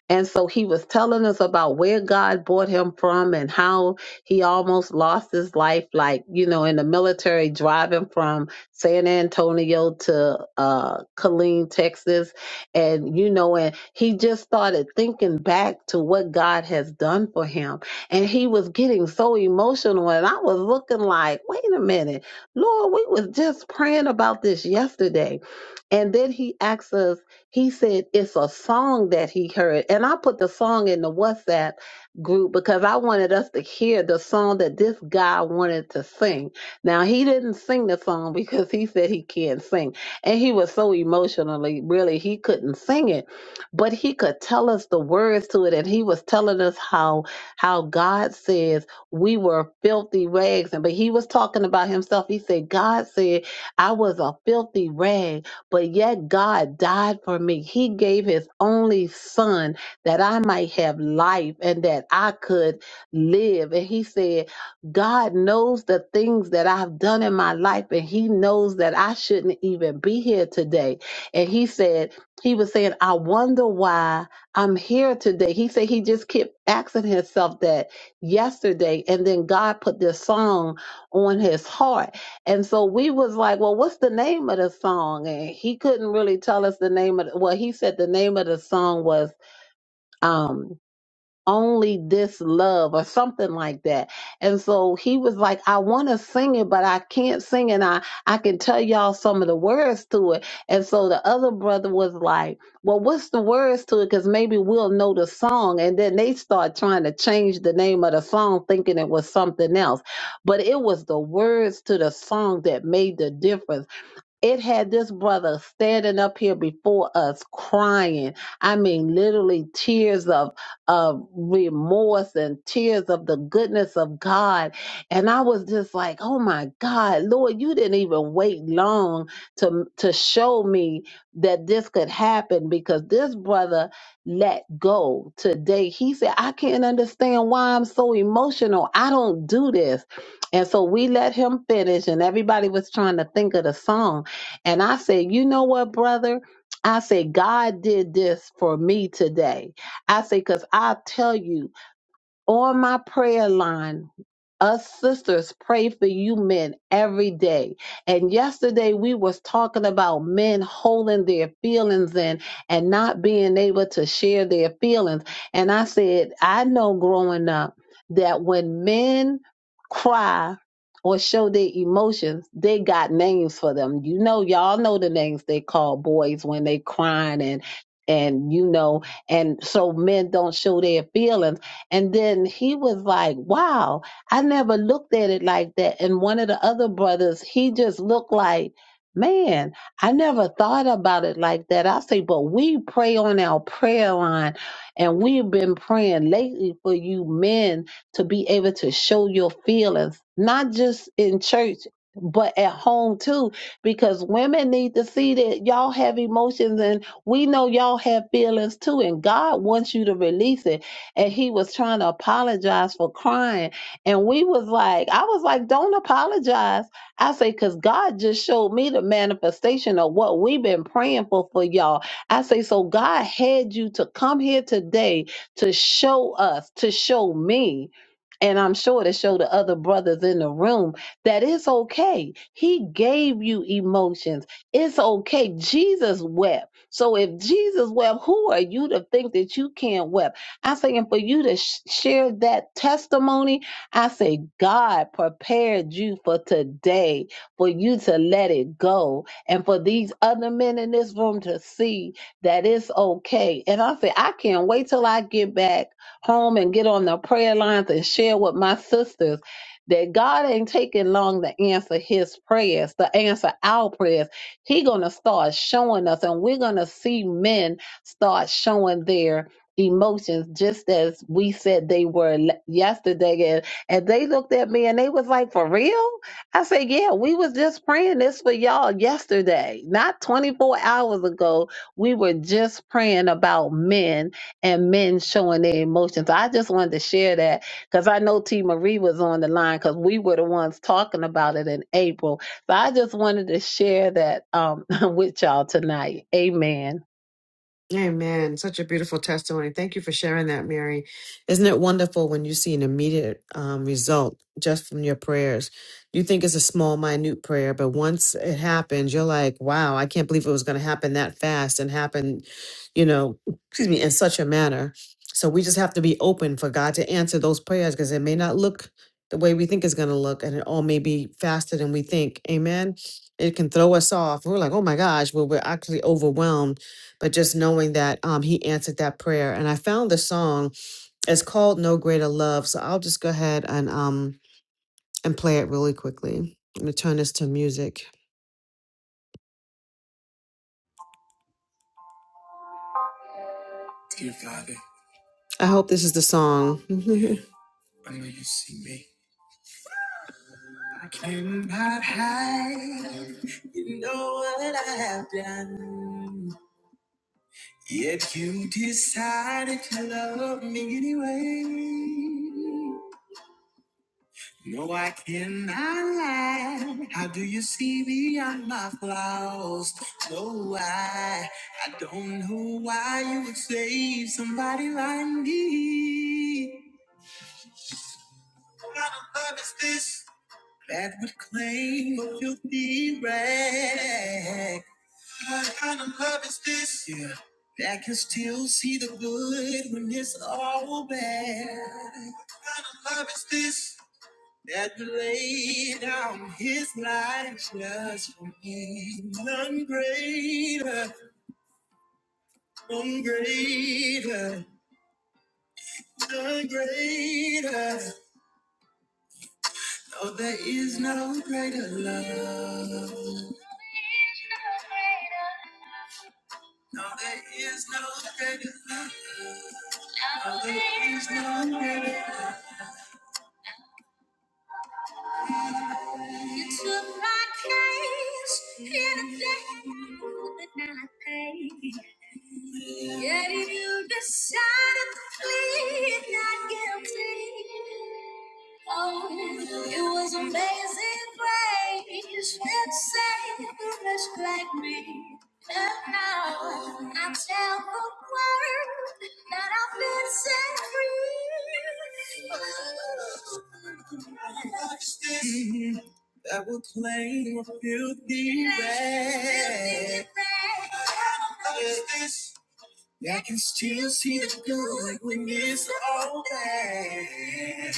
Speaker 5: and so he was telling us about where God brought him from and how he almost lost his life, like, you know, in the military, driving from San Antonio to uh, Killeen, Texas. And, you know, and he just started thinking back to what God has done for him. And he was getting so emotional. And I was looking like, wait a minute, Lord, we was just praying about this yesterday. And then he asked us, he said it's a song that he heard. And I put the song in the WhatsApp group because I wanted us to hear the song that this guy wanted to sing. Now, he didn't sing the song because he said he can't sing. And he was so emotionally, really, he couldn't sing it. But he could tell us the words to it. And he was telling us how how God says we were filthy rags. And but he was talking about himself. He said, God said, I was a filthy rag but yet God died for me. He gave his only son that I might have life and that I could live. And he said, God knows the things that I've done in my life, and he knows that I shouldn't even be here today. And he said, he was saying, I wonder why I'm here today. He said he just kept asking himself that yesterday. And then God put this song on his heart and so we was like, well, what's the name of the song? And he couldn't really tell us the name of the, well, he said the name of the song was, um, only this love or something like that. And so he was like, I want to sing it, but I can't sing. And I, I can tell y'all some of the words to it. And so the other brother was like, well, what's the words to it? Cause maybe we'll know the song. And then they start trying to change the name of the song, thinking it was something else, but it was the words to the song that made the difference it had this brother standing up here before us crying i mean literally tears of of remorse and tears of the goodness of god and i was just like oh my god lord you didn't even wait long to to show me that this could happen because this brother let go today he said i can't understand why i'm so emotional i don't do this and so we let him finish and everybody was trying to think of the song and I said, You know what, brother? I said, God did this for me today. I said, Because i tell you, on my prayer line. Us sisters pray for you men every day. And yesterday we was talking about men holding their feelings in and not being able to share their feelings. And I said, I know growing up that when men cry or show their emotions, they got names for them. You know, y'all know the names they call boys when they crying and and you know, and so men don't show their feelings and then he was like, wow, I never looked at it like that. And one of the other brothers, he just looked like, man, I never thought about it like that. I say, but we pray on our prayer line and we've been praying lately for you men to be able to show your feelings, not just in church. But at home too, because women need to see that y'all have emotions and we know y'all have feelings too. And God wants you to release it and he was trying to apologize for crying. And we was like, I was like, don't apologize. I say, because God just showed me the manifestation of what we've been praying for for y'all. I say, so God had you to come here today to show us, to show me. And I'm sure to show the other brothers in the room that it's okay. He gave you emotions. It's okay. Jesus wept. So if Jesus wept, who are you to think that you can't weep? I say, and for you to sh- share that testimony, I say, God prepared you for today, for you to let it go, and for these other men in this room to see that it's okay. And I say, I can't wait till I get back home and get on the prayer lines and share with my sisters. That God ain't taking long to answer his prayers, to answer our prayers. He gonna start showing us, and we're gonna see men start showing their emotions just as we said they were le- yesterday and, and they looked at me and they was like for real i said yeah we was just praying this for y'all yesterday not 24 hours ago we were just praying about men and men showing their emotions i just wanted to share that because i know t marie was on the line because we were the ones talking about it in april so i just wanted to share that um, with y'all tonight amen
Speaker 1: Amen. Such a beautiful testimony. Thank you for sharing that, Mary. Isn't it wonderful when you see an immediate um, result just from your prayers? You think it's a small, minute prayer, but once it happens, you're like, wow, I can't believe it was going to happen that fast and happen, you know, excuse me, in such a manner. So we just have to be open for God to answer those prayers because it may not look the way we think it's going to look and it all may be faster than we think. Amen. It can throw us off. We're like, oh my gosh, well, we're actually overwhelmed but just knowing that um, he answered that prayer. And I found the song. It's called No Greater Love. So I'll just go ahead and um and play it really quickly. I'm gonna turn this to music. Dear Father, I hope this is the song. I know you see me. I cannot hide. You know what I have done. Yet you decided to love me anyway. No, I cannot lie. How do you see beyond my flaws? No, I, I don't know why you would save somebody like me. What kind of love is this? That would claim a filthy rag. What kind of love is this? Yeah. That can still see the good when it's all bad. What kind of love is this? that laid down his life just for me. None greater, none greater, none greater. No, there is no greater love. No, there is no greater love. No, there is no greater love. You took my case in a day I could not pay. Yet you decided to plead not guilty. Oh, it was amazing grace that saved a wretch like me. And now I tell the world that I've been set free. Watch this that will claim a filthy rag. Filthy rag. What is this? I can still see the good when it's all bad.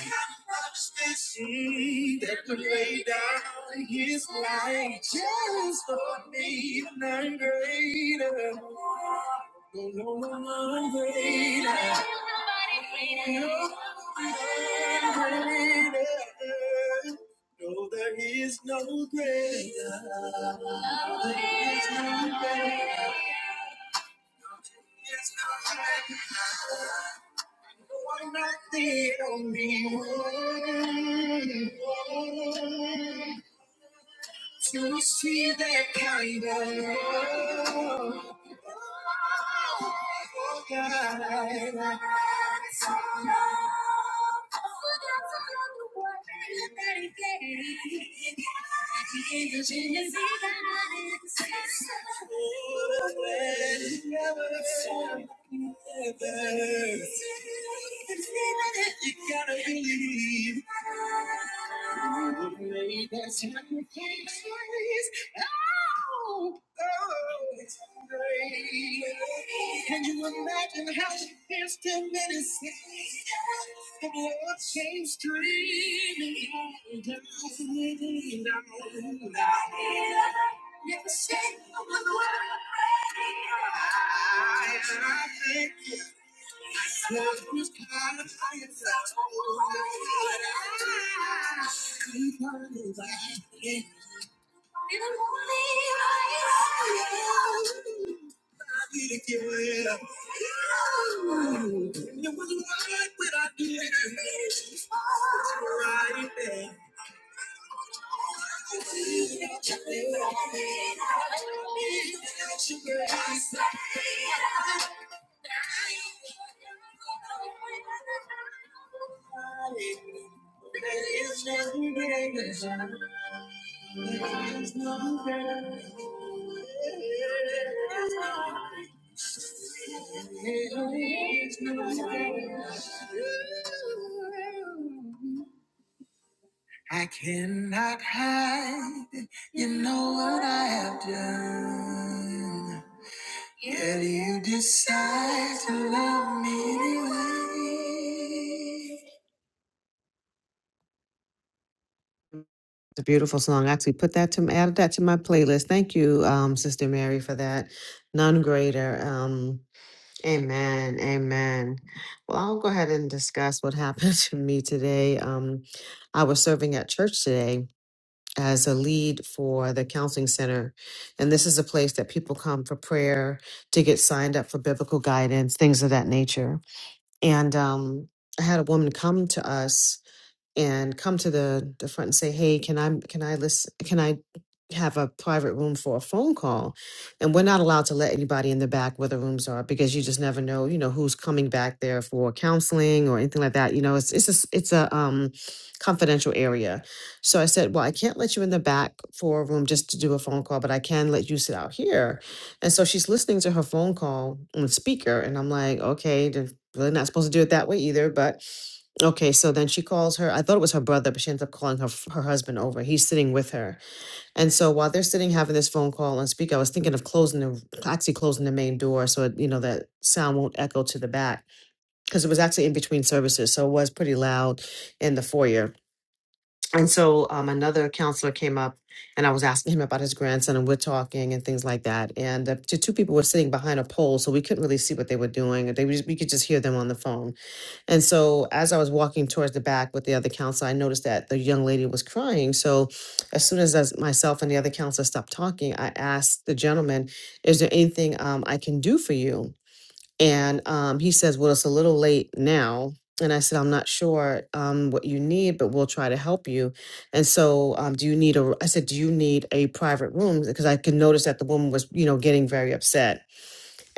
Speaker 1: Mm, That could lay down his life just for me, and I'm greater. No, no, no, no, I'm greater. No, I'm greater. No, there is no greater. No, there is no greater. Nothing on me to see that kind of love. Oh, God. I'm You You gotta believe. You made that sacrifice. Oh, oh, it's great. Can you imagine how it feels to minutes and Lord came streaming down, down, down. the shake of love changed dreaming? Never said I was the world. I, I thank you it Right there. I don't need no sugar. I don't need no sugar. I don't need no sugar. It's not bad. It's not bad. It's not bad. It's not bad. It's not bad. It's not bad. I cannot hide, you know what I have done. Yet you decide to love me anyway. It's a beautiful song. I actually put that to added that to my playlist. Thank you, um, Sister Mary, for that. None greater. Um, amen. Amen. Well, I'll go ahead and discuss what happened to me today. Um, I was serving at church today as a lead for the counseling center. And this is a place that people come for prayer, to get signed up for biblical guidance, things of that nature. And um, I had a woman come to us and come to the the front and say, "Hey, can I can I listen? Can I have a private room for a phone call?" And we're not allowed to let anybody in the back where the rooms are because you just never know, you know, who's coming back there for counseling or anything like that. You know, it's it's a, s- it's a um, confidential area. So I said, "Well, I can't let you in the back for a room just to do a phone call, but I can let you sit out here." And so she's listening to her phone call on speaker, and I'm like, "Okay, then." Really not supposed to do it that way either, but Okay, so then she calls her. I thought it was her brother, but she ends up calling her f- her husband over. He's sitting with her, and so while they're sitting having this phone call and speak, I was thinking of closing the actually closing the main door so it, you know that sound won't echo to the back because it was actually in between services, so it was pretty loud in the foyer. And so um, another counselor came up, and I was asking him about his grandson, and we're talking and things like that. And uh, the two people were sitting behind a pole, so we couldn't really see what they were doing. They was- we could just hear them on the phone. And so as I was walking towards the back with the other counselor, I noticed that the young lady was crying. So as soon as as myself and the other counselor stopped talking, I asked the gentleman, is there anything um, I can do for you? And um, he says, well, it's a little late now. And I said, I'm not sure um, what you need, but we'll try to help you. And so, um, do you need a? I said, do you need a private room? Because I could notice that the woman was, you know, getting very upset.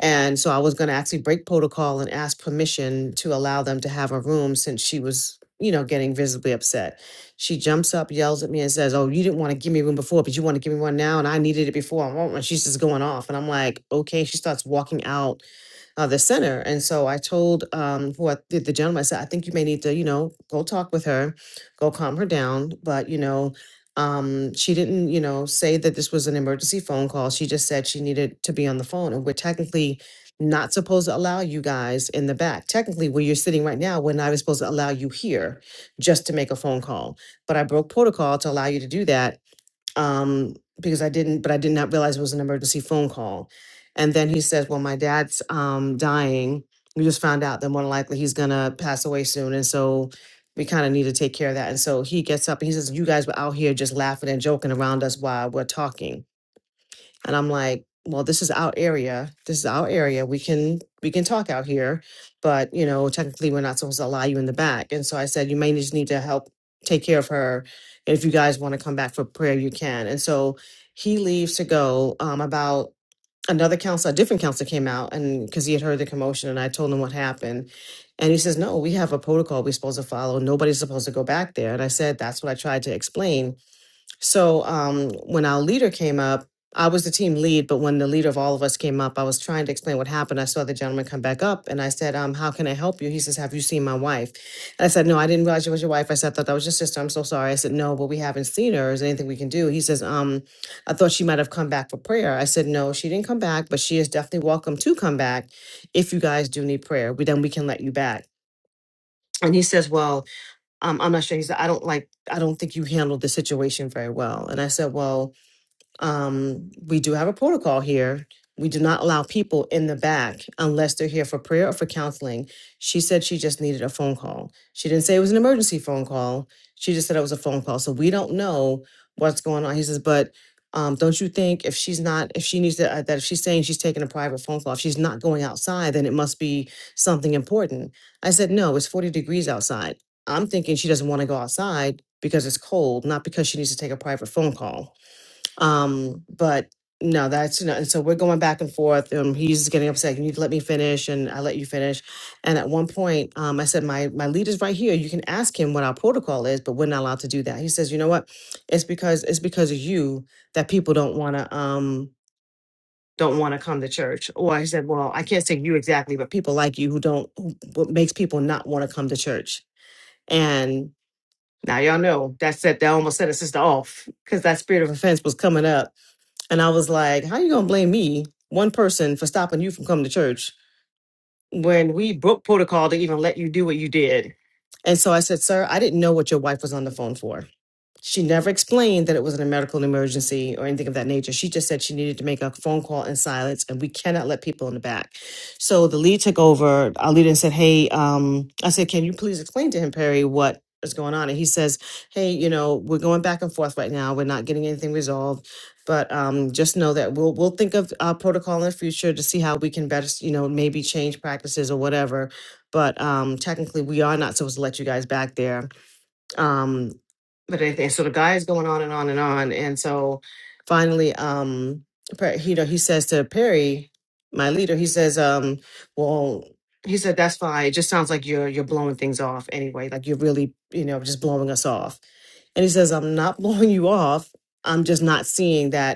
Speaker 1: And so I was going to actually break protocol and ask permission to allow them to have a room since she was, you know, getting visibly upset. She jumps up, yells at me, and says, Oh, you didn't want to give me a room before, but you want to give me one now. And I needed it before. I want one. She's just going off. And I'm like, Okay. She starts walking out uh, the center. And so I told um, who I, the, the gentleman, I said, I think you may need to, you know, go talk with her, go calm her down. But, you know, um, she didn't, you know, say that this was an emergency phone call. She just said she needed to be on the phone. And we're technically not supposed to allow you guys in the back. Technically, where you're sitting right now, we're not even supposed to allow you here just to make a phone call. But I broke protocol to allow you to do that um, because I didn't, but I did not realize it was an emergency phone call. And then he says, Well, my dad's um, dying. We just found out that more than likely he's going to pass away soon. And so we kind of need to take care of that. And so he gets up and he says, You guys were out here just laughing and joking around us while we're talking. And I'm like, well, this is our area. This is our area. We can we can talk out here, but you know, technically we're not supposed to allow you in the back. And so I said, you may just need to help take care of her. If you guys want to come back for prayer, you can. And so he leaves to go. Um, about another counselor, a different counselor came out, and because he had heard the commotion, and I told him what happened. And he says, No, we have a protocol we're supposed to follow. Nobody's supposed to go back there. And I said, That's what I tried to explain so um, when our leader came up, I was the team lead, but when the leader of all of us came up, I was trying to explain what happened. I saw the gentleman come back up and I said, um, How can I help you? He says, Have you seen my wife? And I said, No, I didn't realize it was your wife. I said, I thought that was your sister. I'm so sorry. I said, No, but we haven't seen her. Is there anything we can do? He says, um, I thought she might have come back for prayer. I said, No, she didn't come back, but she is definitely welcome to come back if you guys do need prayer. We then we can let you back. And he says, Well, um, I'm not sure. He said, I don't like, I don't think you handled the situation very well. And I said, well, um, we do have a protocol here. We do not allow people in the back unless they're here for prayer or for counseling. She said she just needed a phone call. She didn't say it was an emergency phone call. She just said it was a phone call. So we don't know what's going on. He says, but um, don't you think if she's not, if she needs to, uh, that if she's saying she's taking a private phone call, if she's not going outside, then it must be something important. I said, no, it's 40 degrees outside. I'm thinking she doesn't want to go outside because it's cold, not because she needs to take a private phone call. Um, but no, that's no. And so we're going back and forth. Um, he's getting upset. You need to let me finish, and I let you finish. And at one point, um, I said, "My my leader's right here. You can ask him what our protocol is, but we're not allowed to do that." He says, "You know what? It's because it's because of you that people don't want to um." don't want to come to church or i said well i can't say you exactly but people like you who don't who, what makes people not want to come to church and now y'all know that set that almost set a sister off because that spirit of offense was coming up and I was like, how you going to blame me, one person, for stopping you from coming to church when we broke protocol to even let you do what you did? And so I said, sir, I didn't know what your wife was on the phone for. She never explained that it wasn't a medical emergency or anything of that nature. She just said she needed to make a phone call in silence, and we cannot let people in the back. So the lead took over. Our leader and said, "Hey, um, I said, can you please explain to him, Perry, what is going on?" And he says, "Hey, you know, we're going back and forth right now. We're not getting anything resolved, but um, just know that we'll we'll think of our protocol in the future to see how we can better, s- you know, maybe change practices or whatever." But um, technically, we are not supposed to let you guys back there um but it, it sort of guys going on and on and on and so finally um Per- he- you know he says to perry my leader he says um well he said that's fine it just sounds like you're you're blowing things off anyway like you're really you know just blowing us off and he says i'm not blowing you off i'm just not seeing that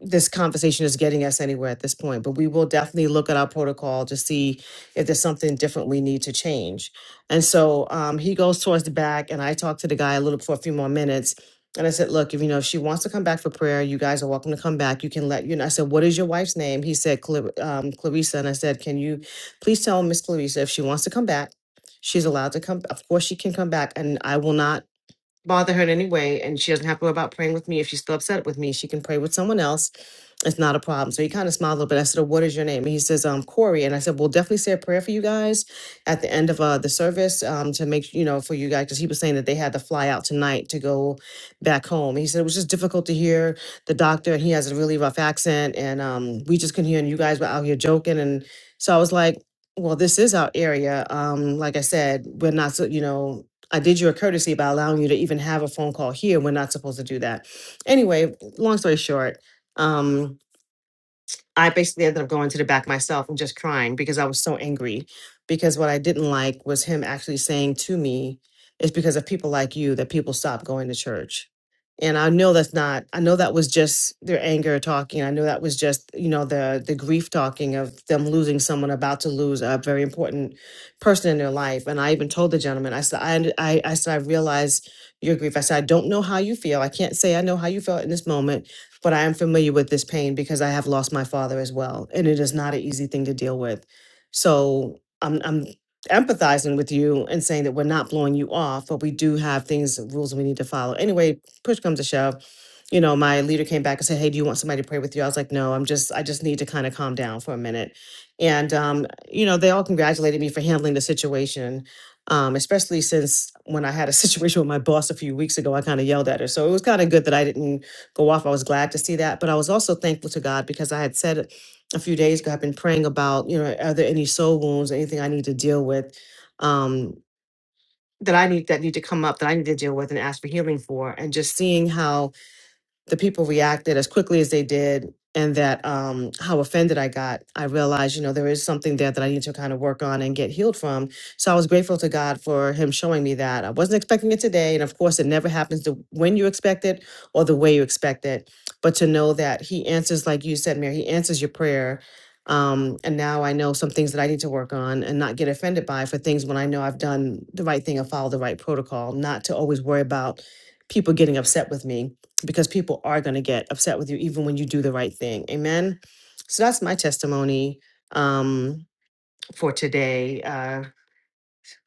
Speaker 1: this conversation is getting us anywhere at this point, but we will definitely look at our protocol to see if there's something different we need to change. And so um, he goes towards the back, and I talked to the guy a little for a few more minutes. And I said, Look, if you know, if she wants to come back for prayer, you guys are welcome to come back. You can let you know. I said, What is your wife's name? He said, Cla- um, Clarissa. And I said, Can you please tell Miss Clarissa if she wants to come back, she's allowed to come. Of course, she can come back, and I will not bother her in any way. And she doesn't have to worry about praying with me. If she's still upset with me, she can pray with someone else it's not a problem. So he kind of smiled a little bit. I said, oh, what is your name? And he says, um, Corey. And I said, we'll definitely say a prayer for you guys at the end of uh, the service um, to make, you know, for you guys, because he was saying that they had to fly out tonight to go back home. He said, it was just difficult to hear the doctor and he has a really rough accent and um, we just couldn't hear and you guys were out here joking. And so I was like, well, this is our area. Um, like I said, we're not, so, you know, I did you a courtesy by allowing you to even have a phone call here. We're not supposed to do that. Anyway, long story short, um, I basically ended up going to the back myself and just crying because I was so angry. Because what I didn't like was him actually saying to me, it's because of people like you that people stop going to church. And I know that's not, I know that was just their anger talking. I know that was just, you know, the the grief talking of them losing someone about to lose a very important person in their life. And I even told the gentleman, I said, I, under- I, I said, I realize your grief. I said, I don't know how you feel. I can't say I know how you felt in this moment, but I am familiar with this pain because I have lost my father as well, and it is not an easy thing to deal with. So I'm I'm empathizing with you and saying that we're not blowing you off, but we do have things rules we need to follow. Anyway, push comes to shove, you know, my leader came back and said, "Hey, do you want somebody to pray with you?" I was like, "No, I'm just I just need to kind of calm down for a minute." And um, you know, they all congratulated me for handling the situation um, especially since when I had a situation with my boss a few weeks ago, I kind of yelled at her. So it was kind of good that I didn't go off. I was glad to see that, but I was also thankful to God because I had said a few days ago, I've been praying about, you know, are there any soul wounds, anything I need to deal with, um, that I need that need to come up that I need to deal with and ask for healing for, and just seeing how the people reacted as quickly as they did and that um, how offended I got, I realized, you know, there is something there that I need to kind of work on and get healed from. So I was grateful to God for Him showing me that. I wasn't expecting it today. And of course, it never happens the, when you expect it or the way you expect it. But to know that He answers, like you said, Mary, He answers your prayer. Um, and now I know some things that I need to work on and not get offended by for things when I know I've done the right thing and follow the right protocol, not to always worry about people getting upset with me because people are going to get upset with you even when you do the right thing. Amen. So that's my testimony um, for today. Uh,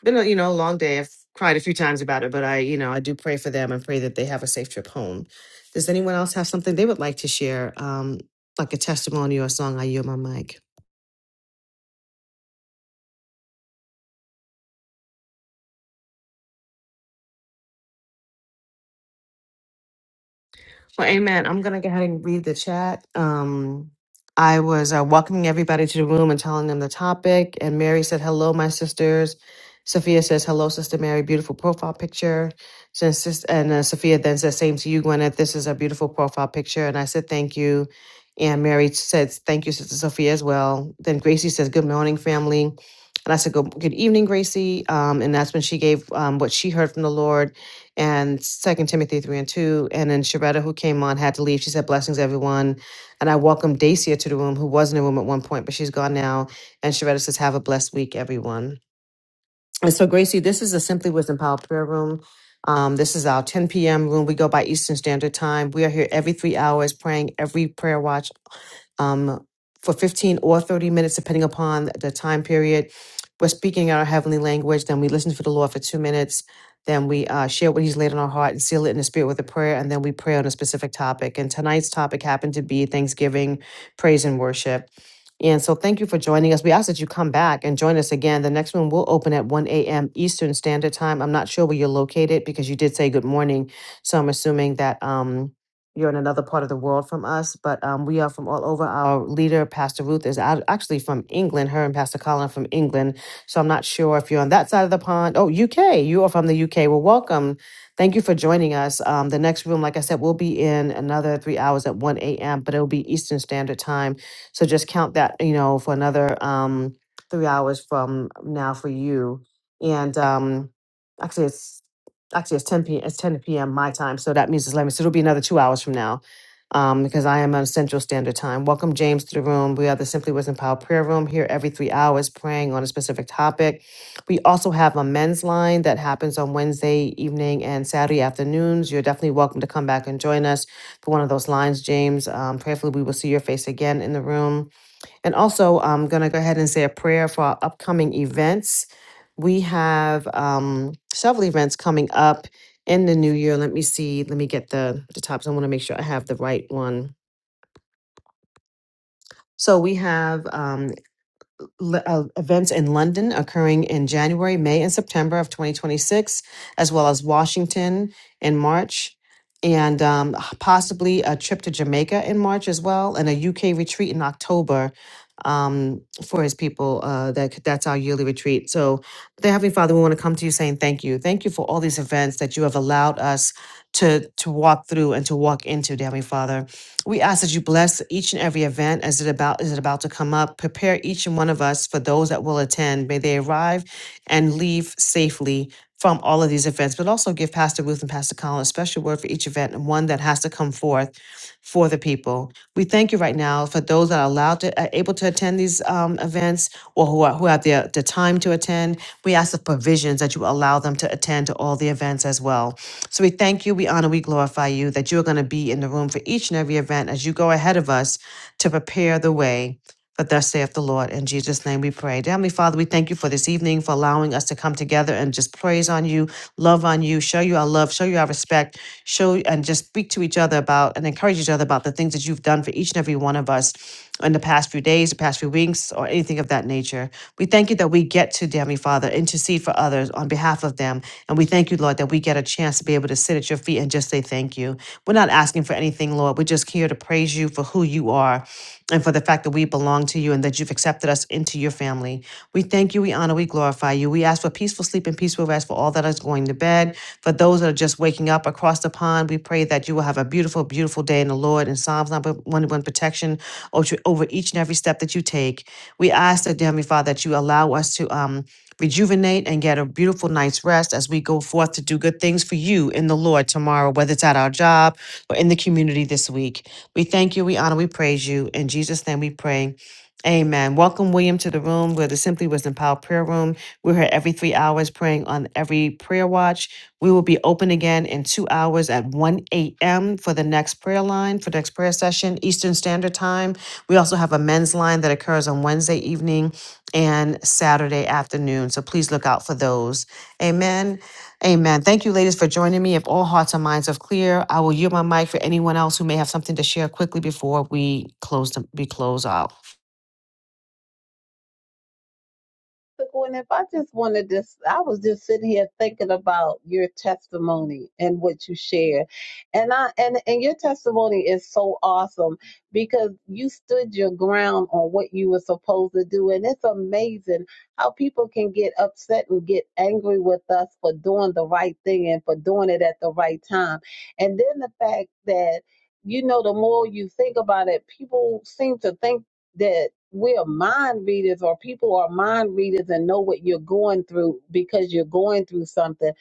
Speaker 1: been a you know a long day. I've cried a few times about it, but I you know I do pray for them and pray that they have a safe trip home. Does anyone else have something they would like to share, um, like a testimony or a song? I yield my mic. Well, amen. I'm going to go ahead and read the chat. Um, I was uh, welcoming everybody to the room and telling them the topic. And Mary said, Hello, my sisters. Sophia says, Hello, Sister Mary. Beautiful profile picture. Since sis- And uh, Sophia then says, Same to you, Gwyneth. This is a beautiful profile picture. And I said, Thank you. And Mary said, Thank you, Sister Sophia, as well. Then Gracie says, Good morning, family. And I said, Good, good evening, Gracie. Um, and that's when she gave um, what she heard from the Lord and Second Timothy three and two. And then Sharetta, who came on, had to leave. She said, "Blessings, everyone." And I welcomed Dacia to the room, who was in the room at one point, but she's gone now. And Sharetta says, "Have a blessed week, everyone." And so, Gracie, this is the Simply Wisdom Power Prayer Room. Um, this is our 10 p.m. room. We go by Eastern Standard Time. We are here every three hours praying every prayer watch um, for 15 or 30 minutes, depending upon the time period. We're speaking our heavenly language, then we listen for the Lord for two minutes, then we uh, share what He's laid on our heart and seal it in the Spirit with a prayer, and then we pray on a specific topic. And tonight's topic happened to be Thanksgiving, praise, and worship. And so, thank you for joining us. We ask that you come back and join us again. The next one will open at 1 a.m. Eastern Standard Time. I'm not sure where you're located because you did say good morning. So, I'm assuming that. Um, you're in another part of the world from us, but um, we are from all over. Our leader, Pastor Ruth, is out, actually from England. Her and Pastor Colin are from England. So I'm not sure if you're on that side of the pond. Oh, UK. You are from the UK. Well, welcome. Thank you for joining us. Um, the next room, like I said, will be in another three hours at 1 a.m., but it'll be Eastern Standard Time. So just count that, you know, for another um, three hours from now for you. And um, actually, it's actually it's 10 p. it's 10 p.m. my time, so that means it's 11. So it'll be another two hours from now, um, because I am on Central Standard Time. Welcome James to the room. We are the Simply Wisdom Power Prayer Room here every three hours, praying on a specific topic. We also have a men's line that happens on Wednesday evening and Saturday afternoons. You're definitely welcome to come back and join us for one of those lines, James. Um, prayerfully, we will see your face again in the room. And also, I'm going to go ahead and say a prayer for our upcoming events. We have um, several events coming up in the new year. Let me see. Let me get the the tops. I want to make sure I have the right one. So we have. um, uh, events in London occurring in January, May, and September of 2026, as well as Washington in March, and um, possibly a trip to Jamaica in March as well, and a UK retreat in October um, for his people. Uh, that that's our yearly retreat. So, dear Heavenly Father, we want to come to you saying thank you, thank you for all these events that you have allowed us to to walk through and to walk into, dear Heavenly Father. We ask that you bless each and every event as it about is it about to come up. Prepare each and one of us for those that will attend. May they arrive and leave safely from all of these events, but also give Pastor Ruth and Pastor Colin a special word for each event and one that has to come forth for the people. We thank you right now for those that are allowed to are able to attend these um, events or who are who have the the time to attend. We ask the provisions that you allow them to attend to all the events as well. So we thank you, we honor, we glorify you that you are going to be in the room for each and every event as you go ahead of us to prepare the way. For thus saith the Lord. In Jesus' name we pray. Dear Heavenly Father, we thank you for this evening, for allowing us to come together and just praise on you, love on you, show you our love, show you our respect, show and just speak to each other about and encourage each other about the things that you've done for each and every one of us in the past few days, the past few weeks, or anything of that nature. We thank you that we get to, dear Heavenly Father, intercede for others on behalf of them and we thank you, Lord, that we get a chance to be able to sit at your feet and just say thank you. We're not asking for anything, Lord. We're just here to praise you for who you are and for the fact that we belong to you and that you've accepted us into your family. We thank you, we honor, we glorify you. We ask for peaceful sleep and peaceful rest for all that is going to bed. For those that are just waking up across the pond, we pray that you will have a beautiful, beautiful day in the Lord and Psalms number 101 protection over over each and every step that you take. We ask that, dear Heavenly Father, that you allow us to. Um, rejuvenate and get a beautiful night's rest as we go forth to do good things for you in the Lord tomorrow, whether it's at our job or in the community this week. We thank you, we honor, we praise you. In Jesus' name we pray. Amen. Welcome, William, to the room where the Simply Wisdom Power Prayer Room. We're here every three hours praying on every prayer watch. We will be open again in two hours at 1 a.m. for the next prayer line, for the next prayer session, Eastern Standard Time. We also have a men's line that occurs on Wednesday evening and Saturday afternoon. So please look out for those. Amen. Amen. Thank you, ladies, for joining me. If all hearts and minds are clear, I will yield my mic for anyone else who may have something to share quickly before we close the, we close out.
Speaker 5: Look, When if I just wanted this, I was just sitting here thinking about your testimony and what you share, and I and and your testimony is so awesome because you stood your ground on what you were supposed to do, and it's amazing how people can get upset and get angry with us for doing the right thing and for doing it at the right time, and then the fact that. You know, the more you think about it, people seem to think that we're mind readers or people are mind readers and know what you're going through because you're going through something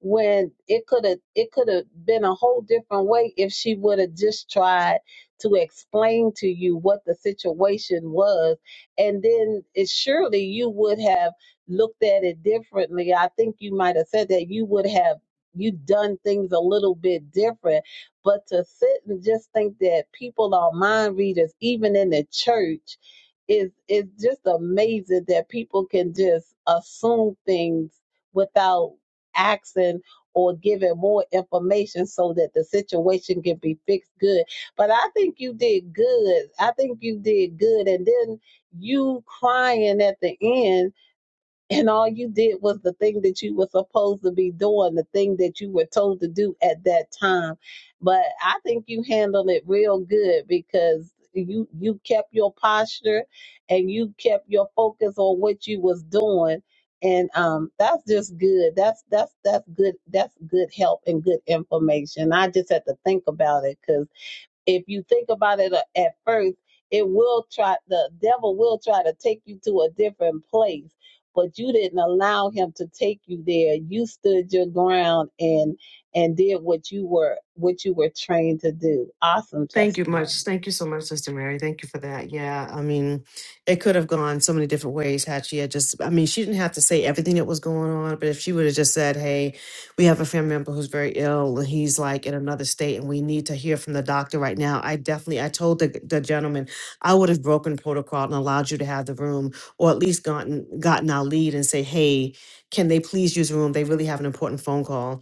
Speaker 5: when it could have it could have been a whole different way if she would have just tried to explain to you what the situation was and then it surely you would have looked at it differently i think you might have said that you would have you done things a little bit different but to sit and just think that people are mind readers, even in the church, is is just amazing that people can just assume things without asking or giving more information so that the situation can be fixed good. But I think you did good. I think you did good. And then you crying at the end and all you did was the thing that you were supposed to be doing, the thing that you were told to do at that time. But I think you handled it real good because you you kept your posture and you kept your focus on what you was doing. And um, that's just good. That's that's that's good. That's good help and good information. I just had to think about it 'cause if you think about it a- at first, it will try, the devil will try to take you to a different place, but you didn't allow him to take you there. You stood your ground and, and did what you were, what you were trained to do. Awesome
Speaker 1: Thank you much.
Speaker 5: testimony.
Speaker 1: Thank you so much, Sister Mary. Thank you for that. Yeah, I mean, it could have gone so many different ways had she had just, I mean, she didn't have to say everything that was going on, but if she would have just said, hey, we have a family member who's very ill and he's like in another state and we need to hear from the doctor right now, I definitely, I told the, the gentleman, I would have broken protocol and allowed you to have the room or at least gotten, gotten our lead and say, hey, can they please use the room? They really have an important phone call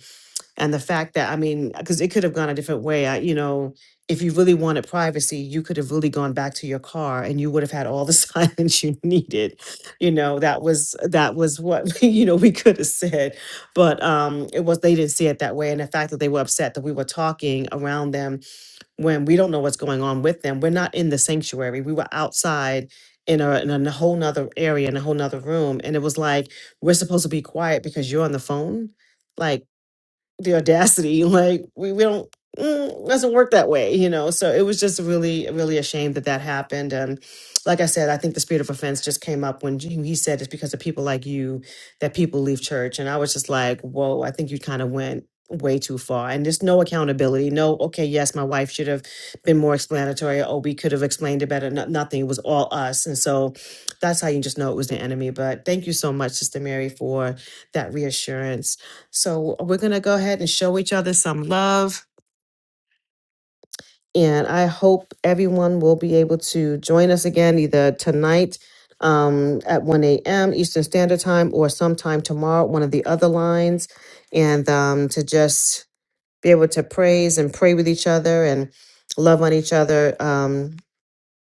Speaker 1: and the fact that i mean because it could have gone a different way I, you know if you really wanted privacy you could have really gone back to your car and you would have had all the silence you needed you know that was that was what you know we could have said but um it was they didn't see it that way and the fact that they were upset that we were talking around them when we don't know what's going on with them we're not in the sanctuary we were outside in a, in a whole nother area in a whole nother room and it was like we're supposed to be quiet because you're on the phone like the audacity like we, we don't mm, it doesn't work that way you know so it was just really really a shame that that happened and like i said i think the spirit of offense just came up when he he said it's because of people like you that people leave church and i was just like whoa i think you kind of went way too far and there's no accountability no okay yes my wife should have been more explanatory oh we could have explained it better no, nothing it was all us and so that's how you just know it was the enemy but thank you so much sister mary for that reassurance so we're going to go ahead and show each other some love. And I hope everyone will be able to join us again either tonight um, at 1 a.m. Eastern Standard Time or sometime tomorrow, one of the other lines, and um, to just be able to praise and pray with each other and love on each other. Um,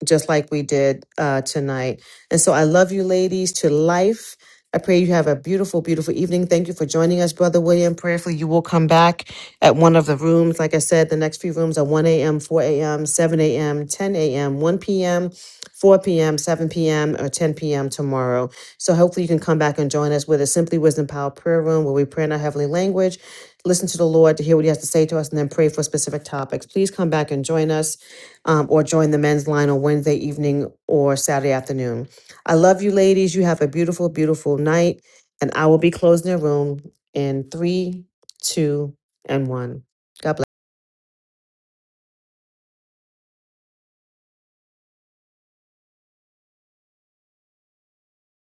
Speaker 1: just like we did uh, tonight. And so I love you, ladies, to life. I pray you have a beautiful, beautiful evening. Thank you for joining us, Brother William. Prayerfully, you will come back at one of the rooms. Like I said, the next few rooms are 1 a.m., 4 a.m., 7 a.m., 10 a.m., 1 p.m., 4 p.m., 7 p.m., or 10 p.m. tomorrow. So hopefully you can come back and join us with a Simply Wisdom Power Prayer Room where we pray in our heavenly language, listen to the Lord to hear what he has to say to us, and then pray for specific topics. Please come back and join us um, or join the men's line on Wednesday evening or Saturday afternoon. I love you, ladies. You have a beautiful, beautiful night. And I will be closing the room in three, two, and one. God bless.